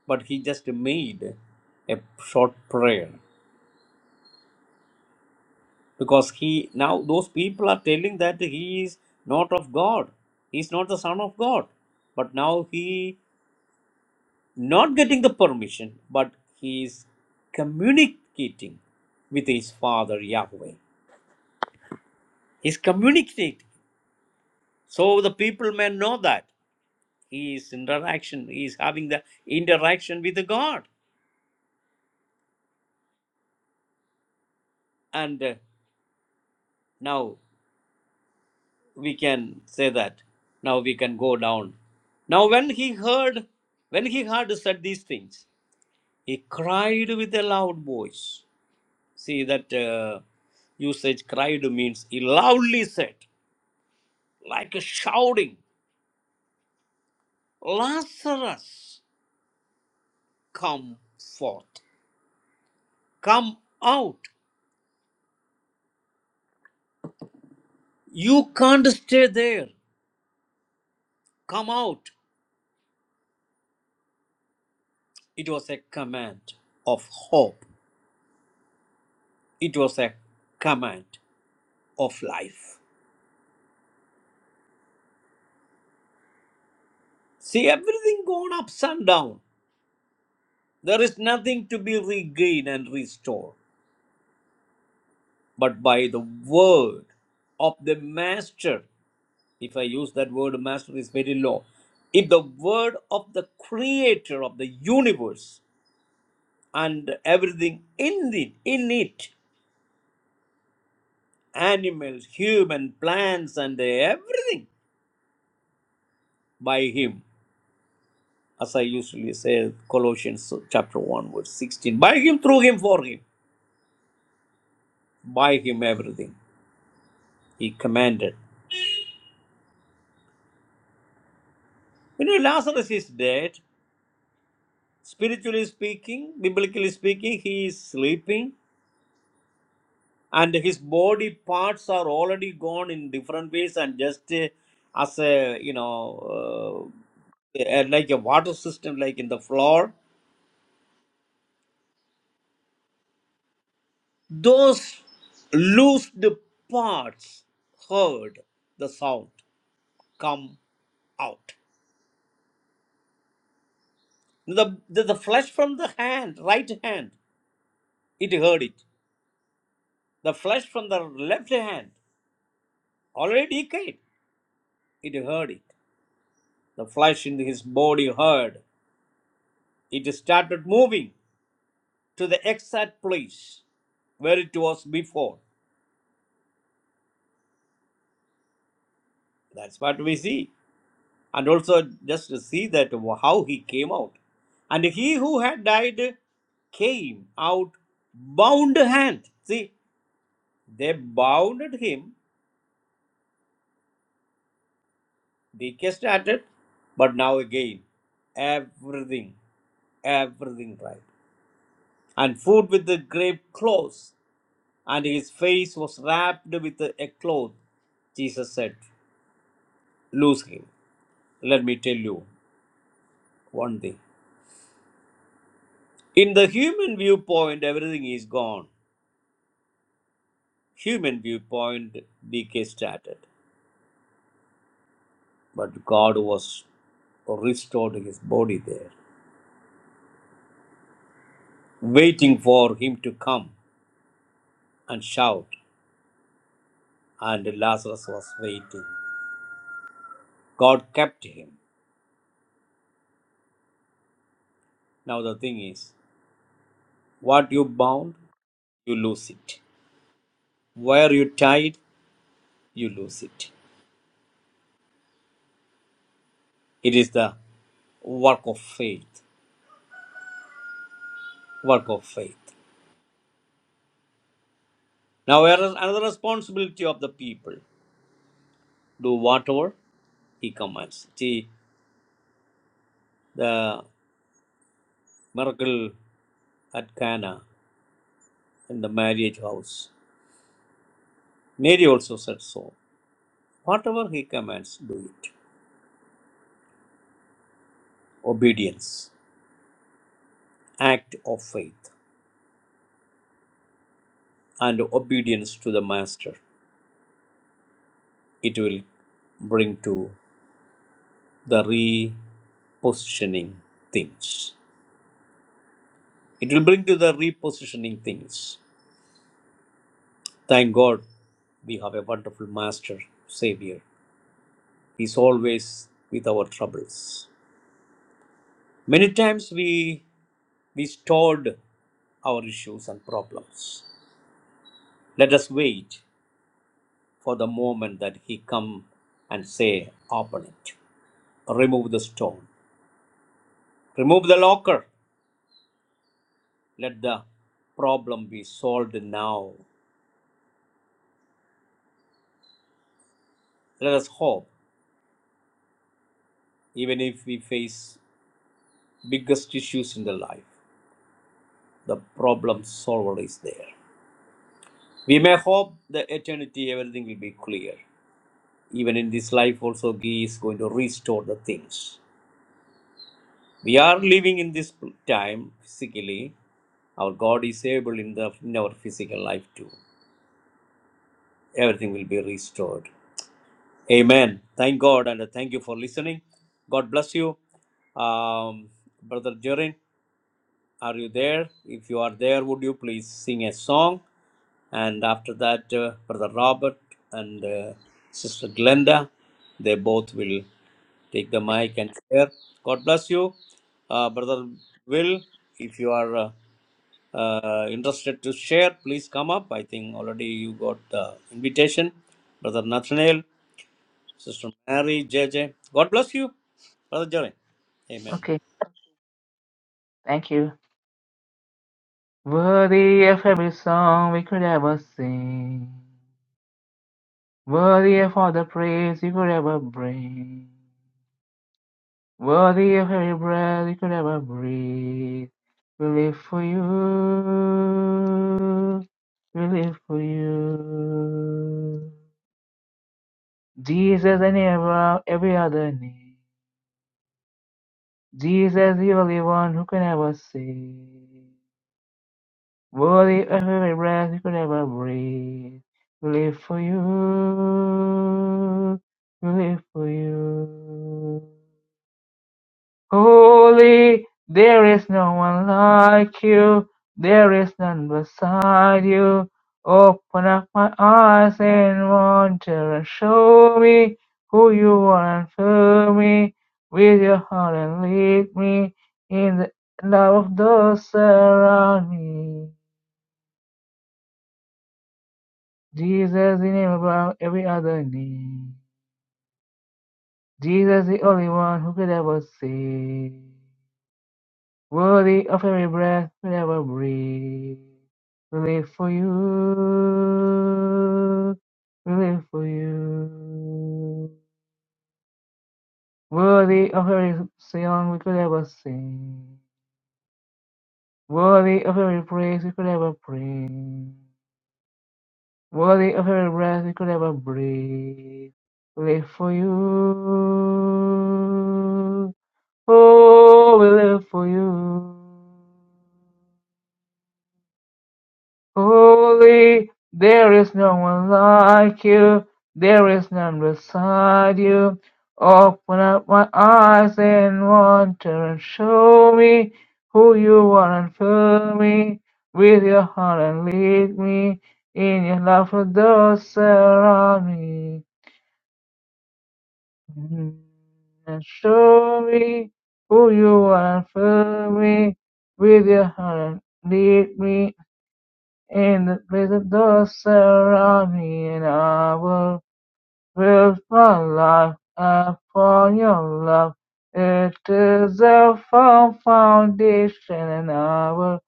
[SPEAKER 2] but he just made a short prayer because he now those people are telling that he is not of God. He is not the son of God. But now he not getting the permission, but he is communicating with his father Yahweh. He's communicating. So the people may know that he is interaction, he is having the interaction with God. And uh, now we can say that. Now we can go down. Now when he heard, when he heard said these things, he cried with a loud voice. See that uh, usage cried means he loudly said, like a shouting, Lazarus, come forth, come out. You can't stay there. Come out. It was a command of hope. It was a command of life. See, everything gone ups and down. There is nothing to be regained and restored but by the word of the master. If I use that word, master is very low. If the word of the creator of the universe and everything in it, in it, animals, human, plants, and everything by him. as I usually say, Colossians chapter 1, verse 16. By him, through him, for him, by him everything. He commanded. You know, Lazarus is dead. Spiritually speaking, biblically speaking, he is sleeping, and his body parts are already gone in different ways, and just uh, as a you know, uh, uh, like a water system, like in the floor, those loosed parts heard the sound come out. The, the, the flesh from the hand, right hand, it heard it. The flesh from the left hand, already decayed, it heard it. The flesh in his body heard. It started moving to the exact place where it was before. That's what we see. And also just to see that how he came out. And he who had died came out bound hand. See, they bounded him DK started, but now again, everything, everything right. And food with the grave clothes, and his face was wrapped with a cloth. Jesus said, "Loose him. Let me tell you one thing. In the human viewpoint, everything is gone. Human viewpoint, DK started. But God was restored his body there, waiting for him to come and shout. And Lazarus was waiting. God kept him. Now the thing is, what you bound, you lose it. Where you tied, you lose it. It is the work of faith. Work of faith. Now there is another responsibility of the people. Do whatever he commands. See the miracle at Cana in the marriage house. Mary also said so. Whatever he commands, do it. Obedience, act of faith, and obedience to the master. it will bring to the repositioning things. It will bring to the repositioning things. Thank God we have a wonderful Master, Savior. He is always with our troubles. Many times we, we stored our issues and problems. Let us wait for the moment that He come and say, open it. Remove the stone. Remove the locker. Let the problem be solved now. Let us hope, even if we face biggest issues in the life, the problem solver is there. We may hope the eternity everything will be clear. Even in this life also He is going to restore the things. We are living in this time physically. Our God is able in the in our physical life too. Everything will be restored. Amen. Thank God and thank you for listening. God bless you. Um, Brother Jorin, are you there? If you are there, would you please sing a song? And after that, uh, Brother Robert and uh, Sister Glenda, they both will take the mic and share. God bless you. Uh, Brother Will, if you are uh, uh, interested to share, please come up. I think already you got the invitation. Brother Nathaniel. Sister Mary, J J, God bless you, Brother Jerry. Amen.
[SPEAKER 1] Okay. Thank you. Worthy of every song we could ever sing. Worthy of all the praise you could ever bring. Worthy of every breath you could ever breathe. We live for you. We live for you. Jesus and above every other name. Jesus, the only one who can ever save. Body of my breath, you could never breathe. We live for you. We live for you. Holy, there is no one like you. There is none beside you. Open up my eyes and wonder and show me who you are and fill me with your heart and lead me in the love of those around me. Jesus the name above every other name. Jesus the only one who could ever save. Worthy of every breath we ever breathe. We live for you. We live for you. Worthy of every song we could ever sing. Worthy of every praise we could ever bring. Worthy of every breath we could ever breathe We live for you, Oh, we live for you. Holy, there is no one like you. There is none beside you. Open up my eyes and wonder and show me who you are and fill me with your heart and lead me in your love for those around me. Mm, And show me who you are, fill me with your heart. Lead me in the place of those surround me, and I will build my life upon your love. It is a firm foundation, and I will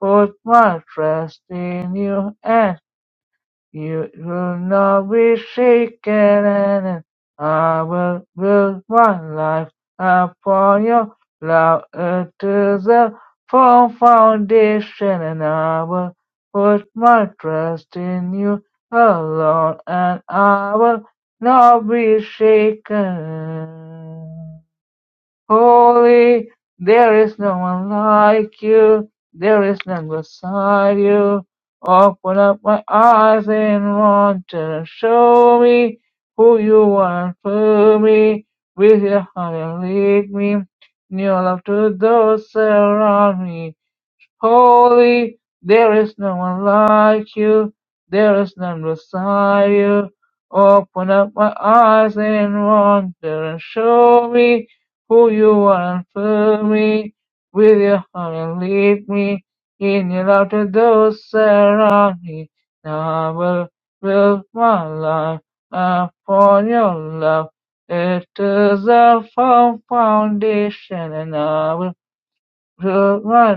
[SPEAKER 1] put my trust in you and. You will not be shaken, and I will build my life upon your love It is a firm foundation, and I will put my trust in you alone, and I will not be shaken. Holy, there is no one like you, there is none beside you. Open up my eyes and wonder, show me who you are and fill me with your heart and lead me in your love to those around me. Holy, there is no one like you, there is none beside you. Open up my eyes and wonder and show me who you are and fill me with your heart and lead me in your love to those around me. Now I will build my life upon your love. It is a firm foundation and I will build my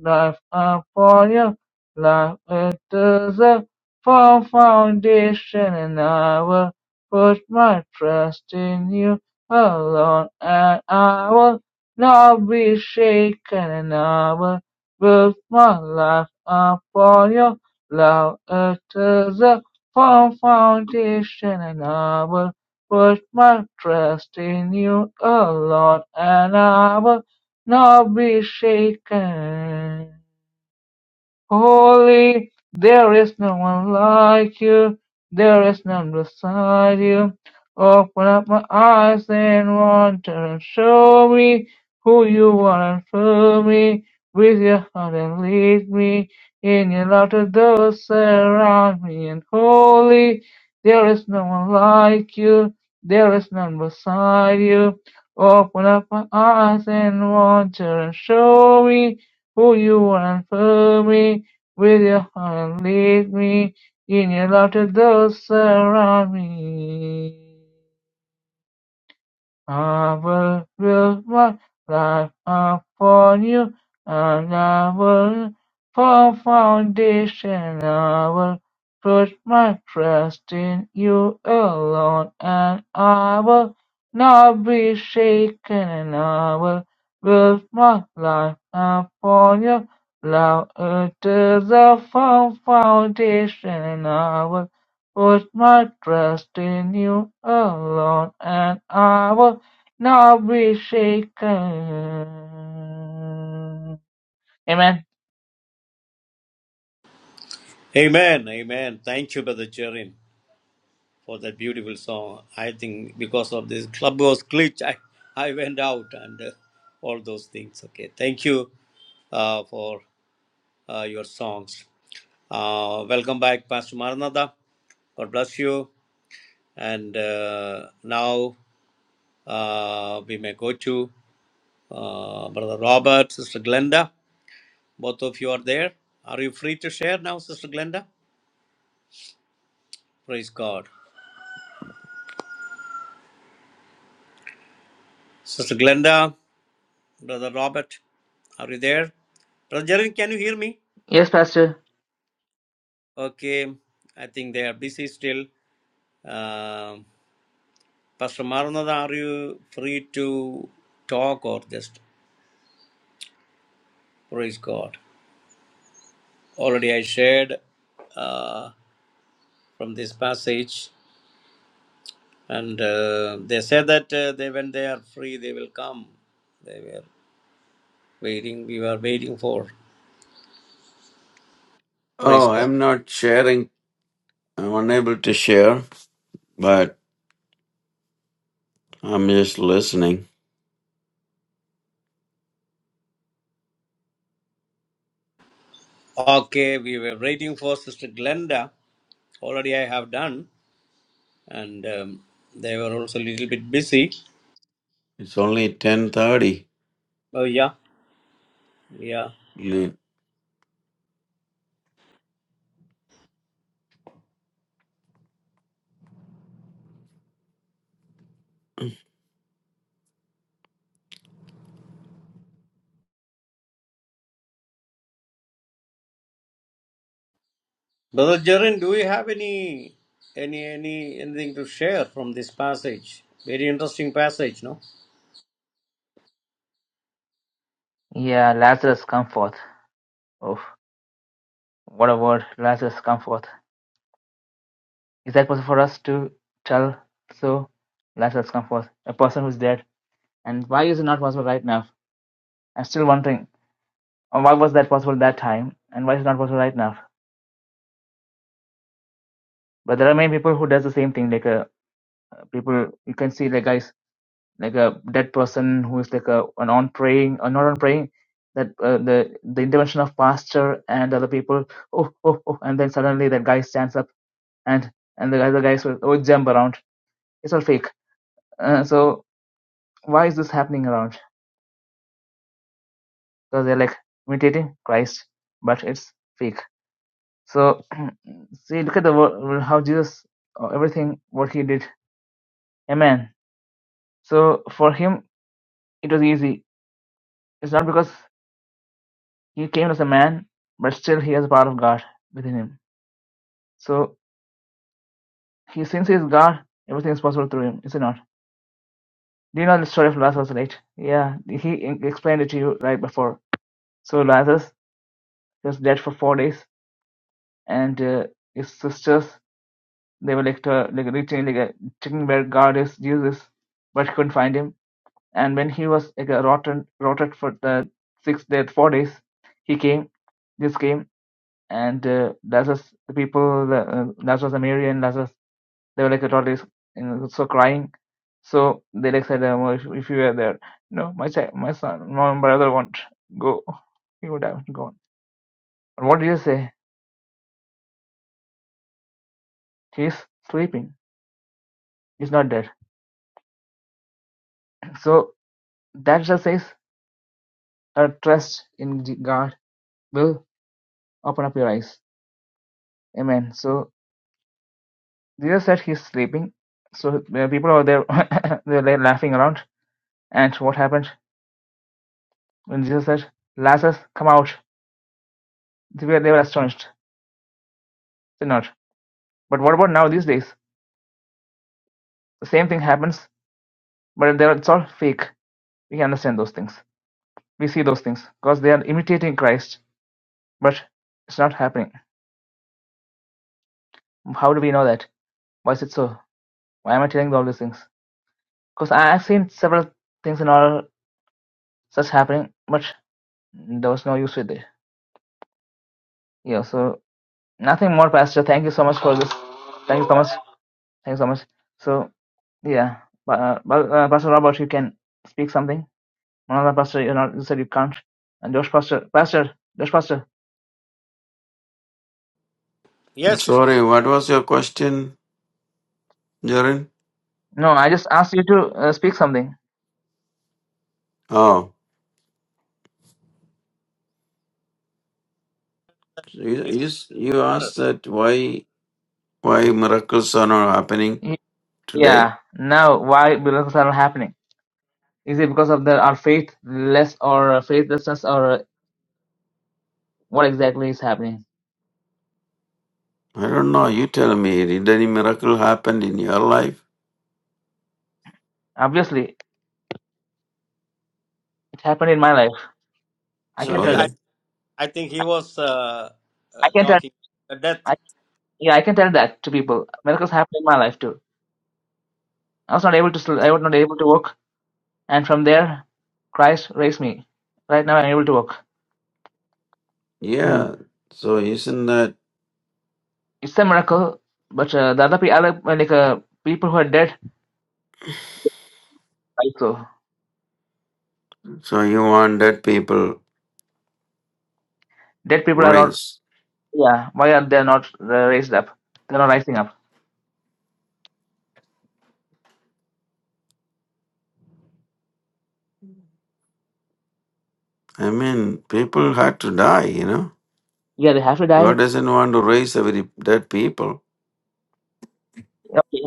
[SPEAKER 1] life are for you. Life it is a firm foundation, and I will put my trust in you alone, and I will not be shaken, and I will build my life upon your love. It is a firm foundation, and I will put my trust in you alone, and I will not be shaken. Holy, there is no one like you, there is none beside you. Open up my eyes and wonder and show me who you are and fill me with your heart and lead me in your love to those around me. And holy, there is no one like you, there is none beside you. Open up my eyes and wonder and show me who you are and fill me with your hand lead me in your love to those around me. I will build my life upon you, and I will for foundation. I will put my trust in you alone, and I will not be shaken. And I will build my life upon your love. It is a firm foundation, and I will put my trust in you alone, and I will not be shaken. Amen.
[SPEAKER 2] Amen. Amen. Thank you, Brother Jerry, for that beautiful song. I think because of this clubhouse glitch, I, I went out and uh, all those things. Okay. Thank you uh, for uh, your songs. Uh, welcome back, Pastor Maranatha. God bless you. And uh, now uh, we may go to uh, Brother Robert, Sister Glenda. Both of you are there. Are you free to share now, Sister Glenda? Praise God. Sister Glenda, Brother Robert, are you there? Brother Jeremy, can you hear me?
[SPEAKER 1] Yes, Pastor.
[SPEAKER 2] Okay, I think they are busy still. Um Pastor Maranatha, are you free to talk or just praise God? Already I shared uh, from this passage, and uh, they said that uh, they when they are free, they will come. They were waiting. We were waiting for. Praise
[SPEAKER 4] Oh,
[SPEAKER 2] God.
[SPEAKER 4] I'm not sharing. I'm unable to share, but I'm just listening.
[SPEAKER 2] Okay, we were waiting for Sister Glenda. Already I have done, and um, they were also a little bit busy.
[SPEAKER 4] It's only ten thirty.
[SPEAKER 2] Oh yeah, yeah.
[SPEAKER 4] I'm
[SPEAKER 2] Brother Jerin, do we have any any any anything to share from this passage? Very interesting passage, no?
[SPEAKER 1] Yeah, Lazarus, come forth. Oh, what a word. Lazarus, come forth. Is that possible for us to tell so? Lazarus, come forth. A person who's dead. And why is it not possible right now? I'm still wondering. uh, Why was that possible that time? And why is it not possible right now? But there are many people who does the same thing. Like uh, people, you can see like guys. like a dead person who is like a an on praying or not on praying that uh, the the intervention of pastor and other people oh oh oh and then suddenly that guy stands up and and the other guys will oh jump around it's all fake uh, so why is this happening around because they're like imitating Christ but it's fake so see look at the wo- how Jesus uh, everything what he did amen so for him it was easy it's not because He came as a man, but still he has the power of God within him. So he, since he is God, everything is possible through him, is it not? Do you know the story of Lazarus, right? Yeah, he explained it to you right before. So Lazarus was dead for four days, and uh, his sisters they were like, uh, like reaching, like uh, checking where God is, Jesus, is, but couldn't find him. And when he was like uh, rotten, rotted for the six days, four days, he came. Jesus came, and uh, Lazarus, the people, the, uh, Lazarus and Mary and Lazarus they were like totally you know, so crying. So they like said, um, if, if you were there, no, my child, my son, my brother won't go. He would have gone. And what do you say? He's sleeping. He's not dead. So that just says a trust in G- God will open up your eyes. Amen. So Jesus said he's sleeping. So the people over there, they were like laughing around. And what happened when Jesus said, Lazarus, come out? They were, they were astonished. They not. But what about now these days? The same thing happens, but they're, it's all fake. We can understand those things. We see those things because they are imitating Christ, but it's not happening. How do we know that? Why is it so? Why am I telling you all these things? Because I've seen several things and all such happening, but there was no use with it. Yeah, so nothing more, Pastor. Thank you so much for this. Thank you so much. Thank you so much. So, yeah, uh, uh, Pastor Robert, you can speak something. Another pastor, you, know, you said you can't. And Josh Pastor, Pastor, Josh Pastor.
[SPEAKER 2] Yes.
[SPEAKER 4] sorry. What was your question, Jaren?
[SPEAKER 1] No, I just asked you to uh, speak something.
[SPEAKER 4] Oh, you,
[SPEAKER 2] yes.
[SPEAKER 4] you you
[SPEAKER 2] sir.
[SPEAKER 4] asked that why why miracles are not happening
[SPEAKER 1] Y-
[SPEAKER 4] today.
[SPEAKER 1] Yeah. Now, why miracles are not happening? Is it because of the our faithless or uh, faithlessness, or uh, what exactly is happening?
[SPEAKER 4] I don't know. You tell me. Did any miracle happen in your life?
[SPEAKER 1] Obviously, it happened in my life. I
[SPEAKER 2] No,
[SPEAKER 1] can
[SPEAKER 4] So
[SPEAKER 2] he.
[SPEAKER 1] tell that.
[SPEAKER 2] I,
[SPEAKER 4] then,
[SPEAKER 2] I think he was uh,
[SPEAKER 1] I
[SPEAKER 2] uh,
[SPEAKER 1] can tell.
[SPEAKER 2] talking about death.
[SPEAKER 1] I, yeah, I can tell that to people. Miracles happened in my life too. I was not able to. sl- I was not able to walk, and from there, Christ raised me. Right now, I'm able to walk. Hmm.
[SPEAKER 4] yeah. So isn't that
[SPEAKER 1] It's a miracle, but uh, the other people, like uh, people who are dead, also
[SPEAKER 4] so? You want dead people
[SPEAKER 1] dead people are not.
[SPEAKER 4] raised?
[SPEAKER 1] Yeah, why are they not uh, raised up? They're not rising up.
[SPEAKER 4] I mean, people had to die. You know.
[SPEAKER 1] Yeah, they have to
[SPEAKER 4] God
[SPEAKER 1] die.
[SPEAKER 4] doesn't want to raise a very dead people.
[SPEAKER 1] Okay.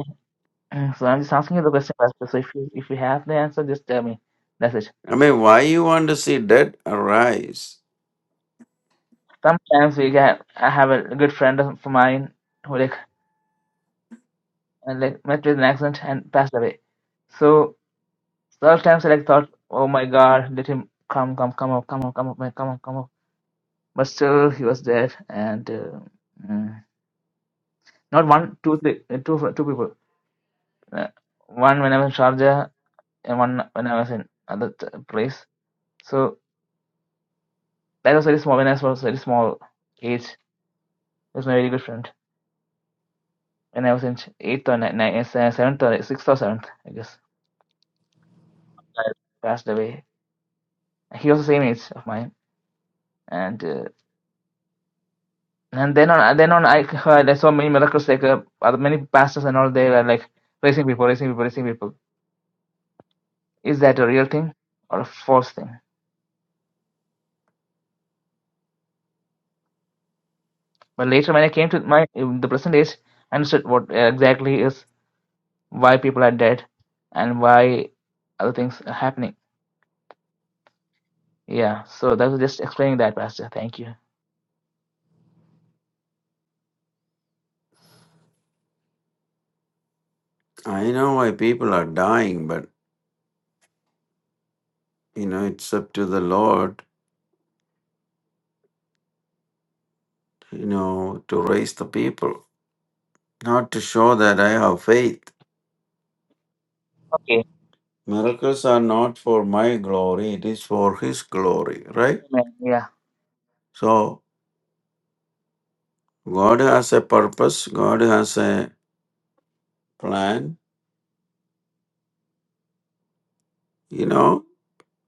[SPEAKER 1] Uh, So I'm just asking you the question, Pastor. So if you if you have the answer, just tell me. That's it.
[SPEAKER 4] I mean, why you want to see dead arise?
[SPEAKER 1] Sometimes we get. I have a good friend of mine who like uh, like met with an accident and passed away. So sometimes I like thought, oh my God, let him come, come, come up, come up, come up, man, come up, come up. But still, he was dead, and uh, mm, not one, two, three, uh, two, two people. Uh, one when I was in Sharjah, and one when I was in other t- place. So that was very small when I was very small age. It was my very good friend. When I was in ch- eighth or ni- ni- se- seventh or sixth or seventh, I guess passed away. He was the same age of mine, and uh, and then on then on I heard I saw many miracles like uh, other- many pastors and all they were like raising people, raising people, raising people. Is that a real thing or a false thing? But later when I came to my in the present age, I understood what uh, exactly is why people are dead and why other things are happening. Yeah. So that was just explaining that, Pastor. Thank you.
[SPEAKER 4] I know why people are dying, but you know, it's up to the Lord, you know, to raise the people, not to show that I have faith.
[SPEAKER 1] Okay.
[SPEAKER 4] Miracles are not for my glory, it is for His glory, right?
[SPEAKER 1] Amen. Yeah.
[SPEAKER 4] So, God has a purpose, God has a plan, you know.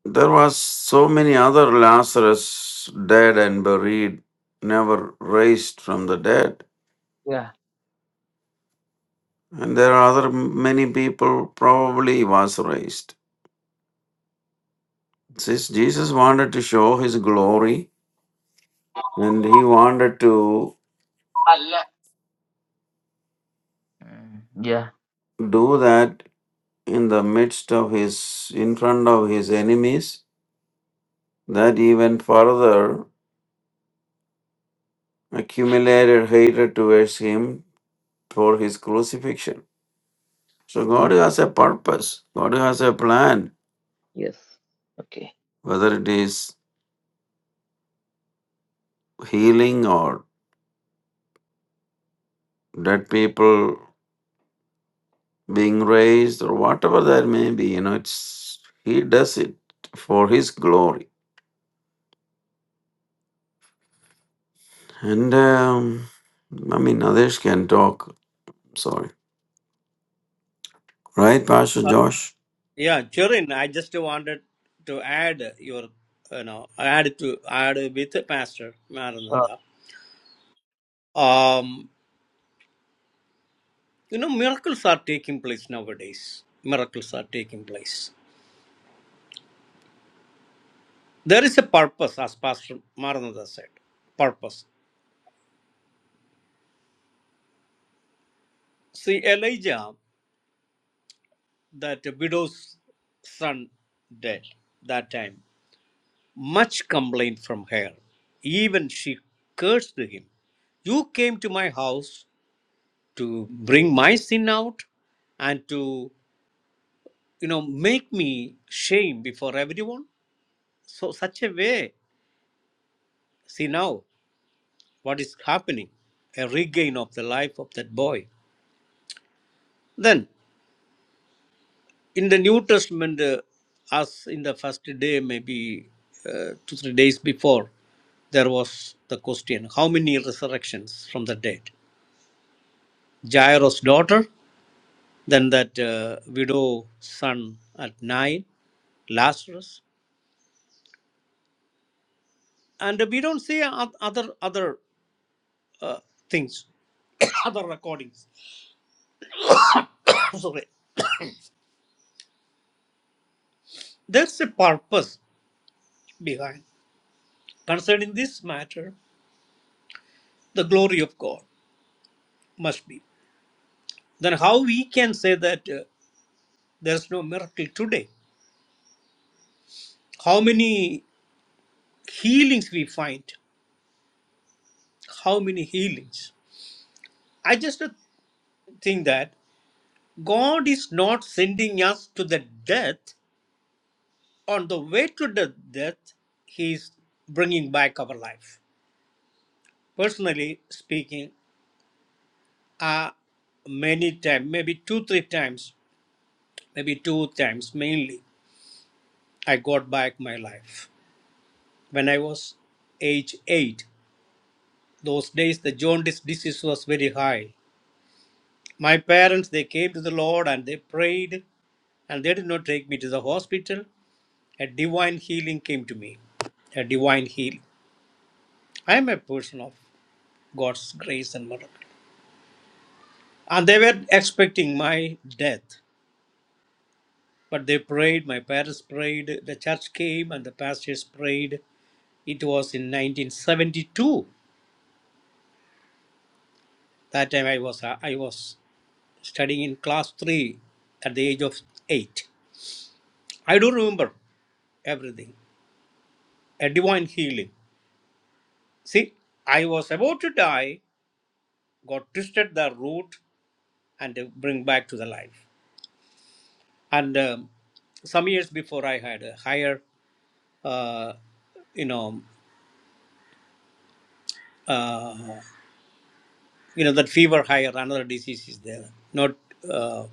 [SPEAKER 4] There was so many other Lazarus dead and buried, never raised from the dead.
[SPEAKER 1] Yeah.
[SPEAKER 4] And there are other m- many people probably was raised. Since Jesus wanted to show his glory and he wanted to
[SPEAKER 1] Allah. Mm, yeah.
[SPEAKER 4] do that in the midst of his, in front of his enemies, that even further accumulated hatred towards him for his crucifixion. So God
[SPEAKER 1] Mm,
[SPEAKER 4] has a purpose. God has a plan
[SPEAKER 1] yes. Okay.
[SPEAKER 4] whether it is healing or dead people being raised or whatever there may be you know it's he does it for his glory and um, i mean others can talk sorry right pastor
[SPEAKER 2] Uh,
[SPEAKER 4] josh
[SPEAKER 2] yeah, Jerin, I just wanted to add your you know add to add with Pastor
[SPEAKER 1] Uh,
[SPEAKER 2] Maranatha. um, you know miracles are taking place nowadays miracles are taking place there is a purpose as pastor maranatha said purpose see elijah that widow's son dead that time much complaint from her even she cursed him you came to my house to bring my sin out and to you know make me shame before everyone so such a way see now what is happening, a regain of the life of that boy. Then, in the New Testament, uh, as in the first day, maybe uh, two, three days before, there was the question how many resurrections from the dead? Jairus' daughter, then that uh, widow son at nine, Lazarus. And we don't see oth- other other uh, things, other recordings. Sorry. There's a purpose behind concerning this matter the glory of God must be. Then how we can say that uh, there's no miracle today? How many healings we find? How many healings? I just uh, think that God is not sending us to the death. On the way to the death, He is bringing back our life. Personally speaking, uh, many times, maybe two, three times, maybe two times mainly, I got back my life when I was age 8. Those days the jaundice disease was very high. My parents they came to the Lord and they prayed and they did not take me to the hospital. A divine healing came to me. A divine healing. I am a person of God's grace and miracle. And they were expecting my death. But they prayed, my parents prayed, the church came and the pastors prayed. It was in 1972. That time I was I was studying in class 3 at the age of 8. I do remember everything. A divine healing. See, I was about to die, God twisted the root and uh, bring back to the life. And um, some years before, I had a higher, uh, you know, uh, you know that fever higher. Another disease is there. Not, uh,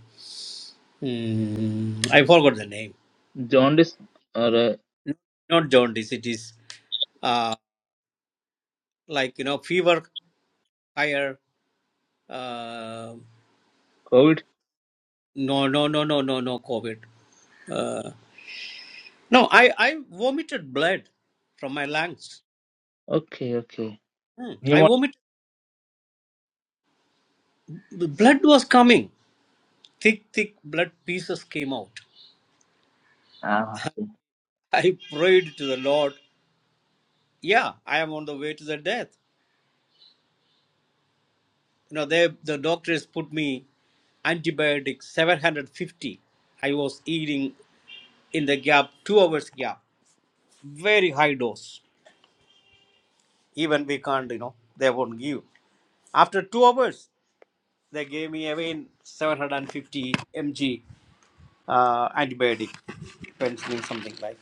[SPEAKER 2] mm, I forgot the name.
[SPEAKER 1] jaundice or uh,
[SPEAKER 2] Not jaundice. It is uh, like you know fever higher. uh,
[SPEAKER 1] COVID?
[SPEAKER 2] No, no, no, no, no, no COVID. Uh, no, I, I vomited blood from my lungs.
[SPEAKER 1] Okay. Okay.
[SPEAKER 2] Hmm. I
[SPEAKER 1] Pneumonia.
[SPEAKER 2] vomited. The blood was coming. Thick, thick blood pieces came out.
[SPEAKER 1] Ah, okay.
[SPEAKER 2] I prayed to the Lord. Yeah, I am on the way to the death. You know, they, the doctors put me antibiotics 750. I was eating in the gap, two hours gap. Very high dose. Even we can't, you know, they won't give. After two hours, They gave me again 750 mg uh, antibiotic, penicillin, something like.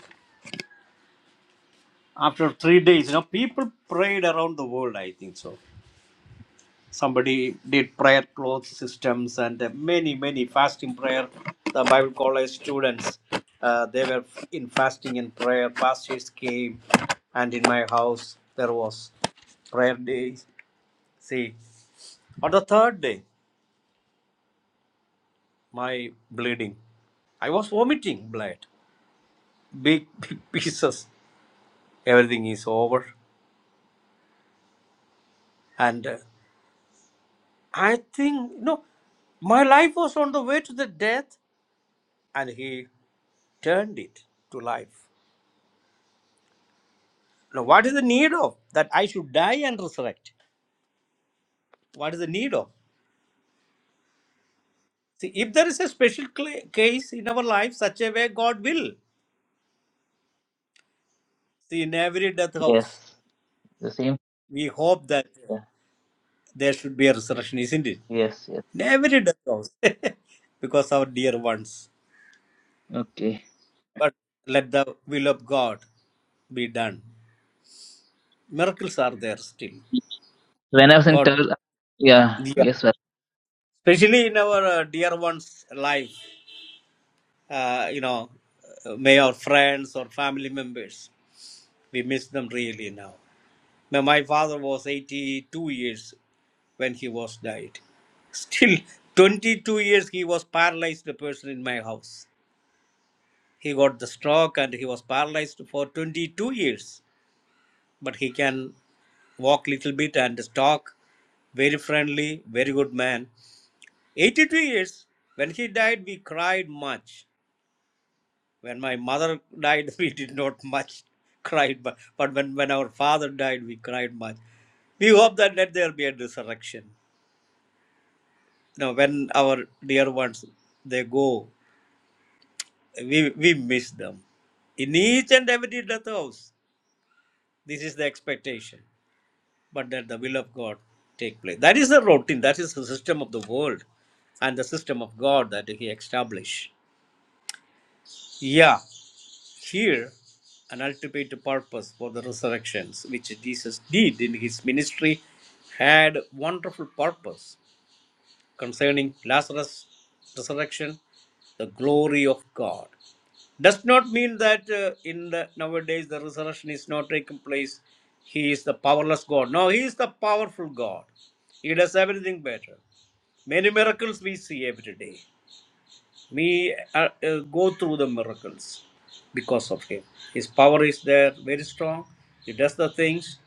[SPEAKER 2] After three days, you know, people prayed around the world. I think so. Somebody did prayer cloth systems and uh, many many fasting prayer. The Bible college students, uh, they were in fasting and prayer. Pastors came, and in my house there was prayer days. See, on the third day, my bleeding. I was vomiting blood. big big pieces everything is over and uh, i think you know my life was on the way to the death and he turned it to life now what is the need of that i should die and resurrect what is the need of see if there is a special cla case in our life such a way god will see in every death house
[SPEAKER 1] Yes. The same.
[SPEAKER 2] we hope that uh,
[SPEAKER 1] Yeah.
[SPEAKER 2] there should be a resurrection isn't it
[SPEAKER 1] Yes. Yes.
[SPEAKER 2] in every death house because our dear ones
[SPEAKER 1] Okay.
[SPEAKER 2] But let the will of God be done. Miracles are there still.
[SPEAKER 1] When I was in
[SPEAKER 2] God,
[SPEAKER 1] Turkey, yeah.
[SPEAKER 2] yeah.
[SPEAKER 1] Yes, sir.
[SPEAKER 2] Especially in our uh, dear one's life, uh, you know, uh, may our friends or family members, we miss them really now. Now, My father was 82 years when he was died. Still, 22 years he was paralyzed person in my house. He got the stroke and he was paralyzed for 22 years but he can walk little bit and talk. Very friendly, very good man. 82 years. When he died, we cried much. When my mother died, we did not much cried, but, but when, when our father died, we cried much. We hope that let there be a resurrection. You know, when our dear ones they go, we we miss them. In each and every death house, this is the expectation. but that the will of God take place. That is the routine. That is the system of the world and the system of God that He established. Yeah, here an ultimate purpose for the resurrections, which Jesus did in His ministry, had wonderful purpose concerning Lazarus' resurrection, the glory of God. Does not mean that uh, in the nowadays the resurrection is not taking place. He is the powerless God. No, he is the powerful God. He does everything better. Many miracles we see every day. We uh, uh, go through the miracles because of him. His power is there, very strong. He does the things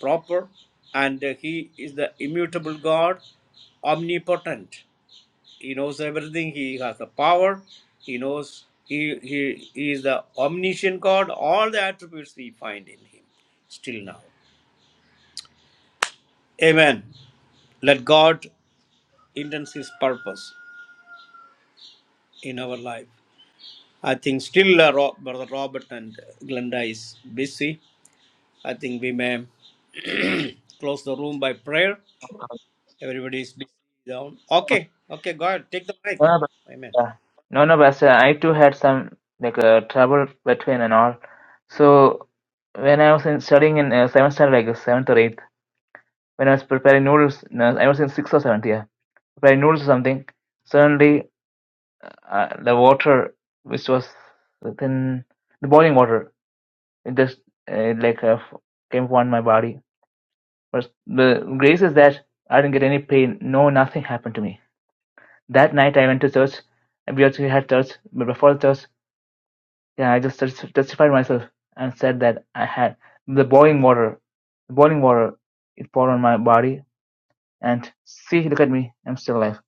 [SPEAKER 2] proper, and uh, he is the immutable God, omnipotent. He knows everything. He has the power. He knows he, he, he is the omniscient God. All the attributes we find in him still now. Amen. Let God intends his purpose in our life. I think still uh, Ro- Brother Robert and Glenda is busy. I think we may close the room by prayer. Everybody is busy down. Okay. Okay, God, take the mic.
[SPEAKER 1] No, no,
[SPEAKER 2] Amen.
[SPEAKER 1] but, uh, no, no, but uh, I too had some like uh, trouble between and all. So when I was in studying in uh, seventh standard, like seventh or eighth, when I was preparing noodles, no, I was in sixth or seventh year preparing noodles or something. Suddenly, uh, the water which was within the boiling water, it just uh, it, like uh, f- came upon my body. But the grace is that I didn't get any pain. No, nothing happened to me. That night I went to church. We also had church, but before the church. Yeah, I just tes- testified myself and said that I had the boiling water. The boiling water it poured on my body, and see, look at me, I'm still alive.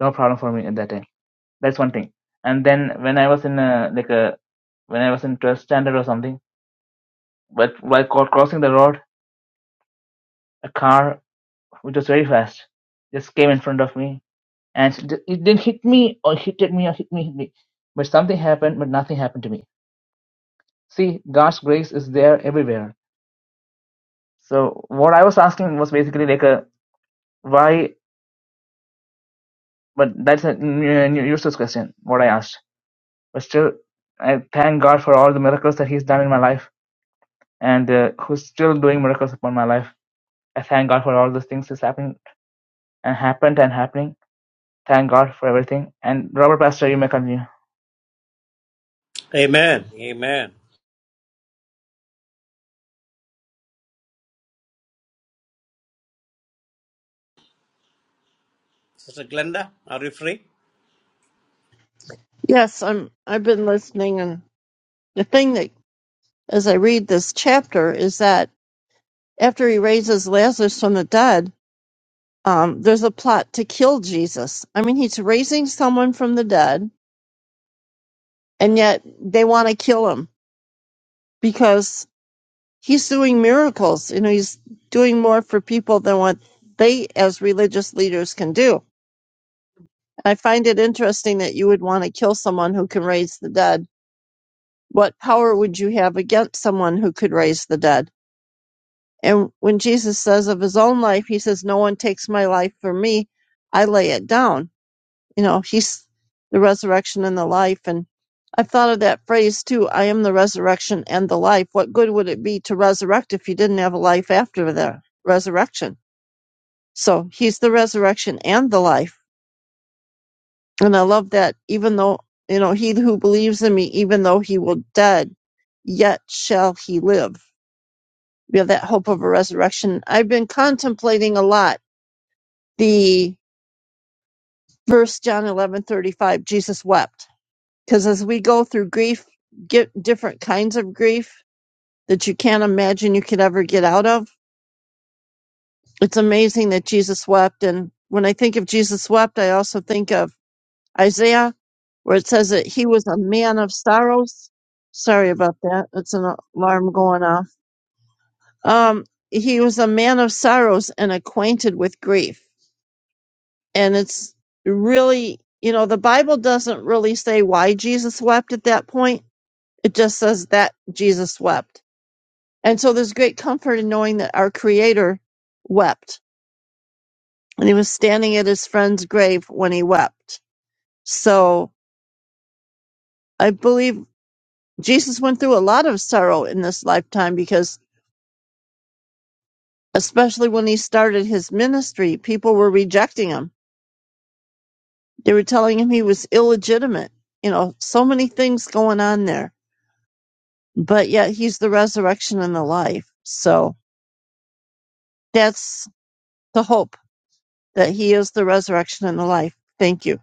[SPEAKER 1] No problem for me at that time. That's one thing. And then when I was in a, like a when I was in 12th standard or something, but while co- crossing the road, a car which was very fast just came in front of me, and it it didn't hit me or hit at me or hit me, hit me. But something happened, but nothing happened to me. See, God's grace is there everywhere So what I was asking was basically like a why, but that's a n- n- useless question. What I asked, but still, I thank God for all the miracles that He's done in my life, and uh, who's still doing miracles upon my life. I thank God for all those things that's happened and happened and happening. Thank God for everything. And Robert Pastor, you may continue.
[SPEAKER 2] Amen. Amen. Sister Glenda, are you free?
[SPEAKER 3] Yes, I'm. I've been listening, and the thing that, as I read this chapter, is that after he raises Lazarus from the dead. um, there's a plot to kill Jesus. I mean, he's raising someone from the dead, and yet they want to kill him because he's doing miracles. You know, he's doing more for people than what they, as religious leaders, can do. And I find it interesting that you would want to kill someone who can raise the dead. What power would you have against someone who could raise the dead? And when Jesus says of his own life, he says, No one takes my life for me. I lay it down You know, he's the resurrection and the life. And I've thought of that phrase too I am the resurrection and the life. What good would it be to resurrect if you didn't have a life after the resurrection? So he's the resurrection and the life. And I love that even though, you know, he who believes in me, even though he will dead, yet shall he live. We have that hope of a resurrection. I've been contemplating a lot the verse John eleven thirty five. Jesus wept Because as we go through grief, get different kinds of grief that you can't imagine you could ever get out of. It's amazing that Jesus wept. And when I think of Jesus wept, I also think of Isaiah, where it says that he was a man of sorrows. Sorry about that. It's an alarm going off. Um, he was a man of sorrows and acquainted with grief. And it's really, you know, the Bible doesn't really say why Jesus wept at that point. It just says that Jesus wept And so there's great comfort in knowing that our Creator wept and he was standing at his friend's grave when he wept. So I believe Jesus went through a lot of sorrow in this lifetime because, especially when he started his ministry, people were rejecting him. They were telling him he was illegitimate. You know, so many things going on there. But yet he's the resurrection and the life. So that's the hope that he is the resurrection and the life. Thank you.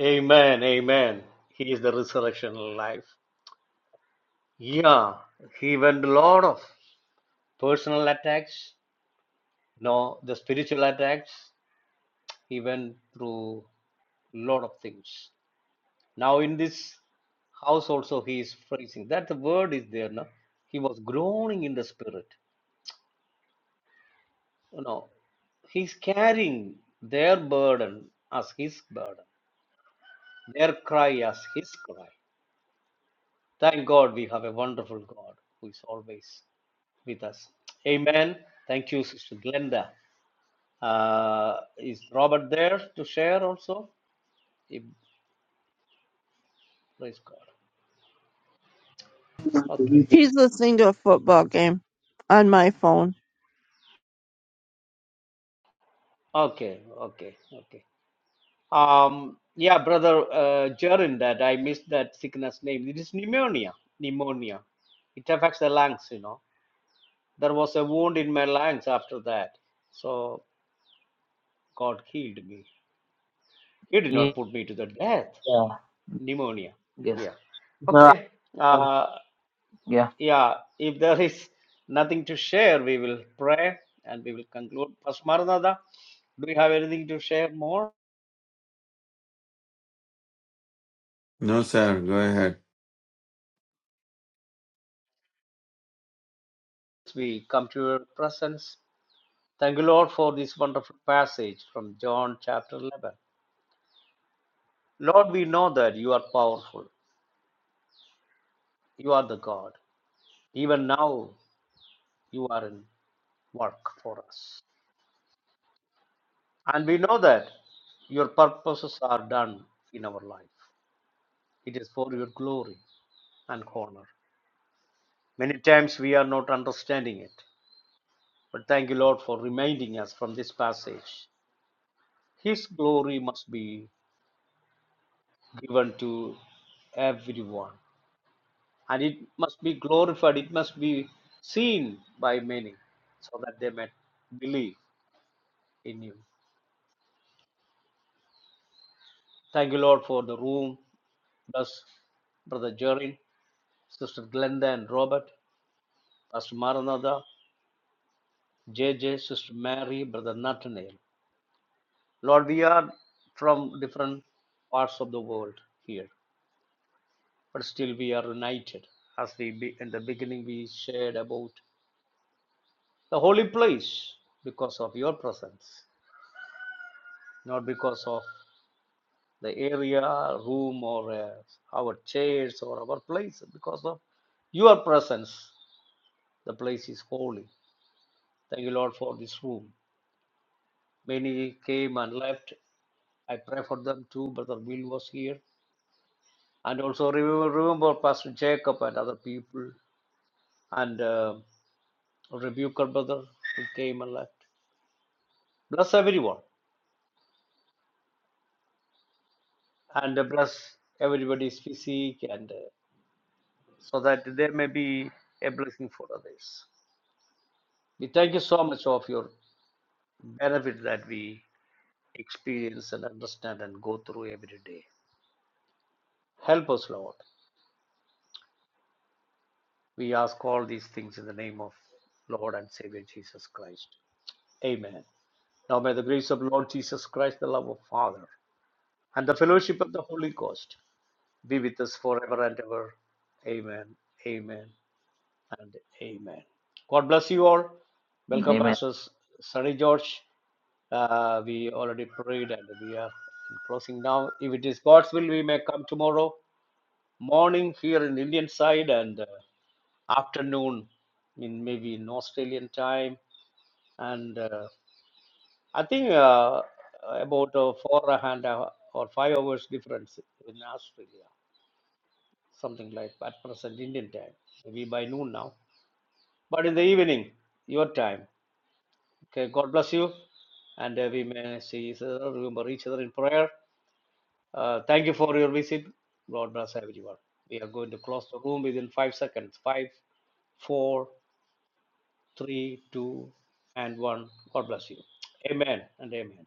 [SPEAKER 2] Amen, amen. He is the resurrection life. Yeah, he went a lot of personal attacks, no, the spiritual attacks. He went through a lot of things. Now in this house also he is phrasing That the word is there, no? He was groaning in the spirit. You know, he's carrying their burden as his burden, their cry as his cry. Thank God we have a wonderful God who is always with us. Amen. Thank you, Sister Glenda. Uh, is Robert there to share also? If, praise God. Okay.
[SPEAKER 3] He's listening to a football game on my phone.
[SPEAKER 2] Okay. Okay. Okay. Um, yeah, brother uh, Jaron, that I missed that sickness name. It is pneumonia. Pneumonia. It affects the lungs, you know. There was a wound in my lungs after that. So God healed me. He did
[SPEAKER 1] Yeah.
[SPEAKER 2] not put me to the death. Pneumonia.
[SPEAKER 1] Yes.
[SPEAKER 2] Yeah.
[SPEAKER 1] No,
[SPEAKER 2] Okay.
[SPEAKER 1] I-
[SPEAKER 2] Uh.
[SPEAKER 1] yeah.
[SPEAKER 2] Yeah, if there is nothing to share, we will pray and we will conclude. Pastor Maranatha, do you have anything to share more?
[SPEAKER 4] No, sir. Go ahead.
[SPEAKER 2] We come to your presence. Thank you, Lord, for this wonderful passage from John chapter 11. Lord, we know that you are powerful. You are the God. Even now, you are in work for us. And we know that your purposes are done in our life. It is for your glory and honor. Many times we are not understanding it. But thank you, Lord, for reminding us from this passage. His glory must be given to everyone, and it must be glorified, it must be seen by many, so that they may believe in you. Thank you, Lord, for the room. Bless Brother Jorin, Sister Glenda and Robert, Pastor Maranatha, J J, Sister Mary, Brother Nathaniel. Lord, we are from different parts of the world here. but still we are united. As we be, in the beginning we shared about the holy place because of your presence, not because of the area, room, or uh, our chairs or our place. Because of your presence, the place is holy. Thank you, Lord, for this room. Many came and left. I pray for them too. Brother Will was here, and also remember, remember Pastor Jacob and other people, and uh, rebuker brother who came and left. bless everyone and uh, bless everybody's physique and uh, so that there may be a blessing for others. We thank you so much of your benefit that we experience and understand and go through every day. Help us, Lord. We ask all these things in the name of Lord and Savior Jesus Christ. Amen. Now may the grace of Lord Jesus Christ, the love of Father, and the fellowship of the Holy Ghost be with us forever and ever. Amen. Amen. and amen. God bless you all. Welcome,
[SPEAKER 1] Amen.
[SPEAKER 2] Pastors Sunny George. Uh, we already prayed and we are in closing now. If it is God's will, we may come tomorrow morning here in Indian side and uh, afternoon in maybe in Australian time. And uh, I think uh, about uh, four and a- or five hours difference in Australia, something like at present Indian time, maybe by noon now. But in the evening, your time. Okay, God bless you. And uh, we may see each other, remember each other in prayer. Uh, thank you for your visit. God bless everyone. We are going to close the room within five seconds. Five, four, three, two, and one. God bless you. Amen and amen.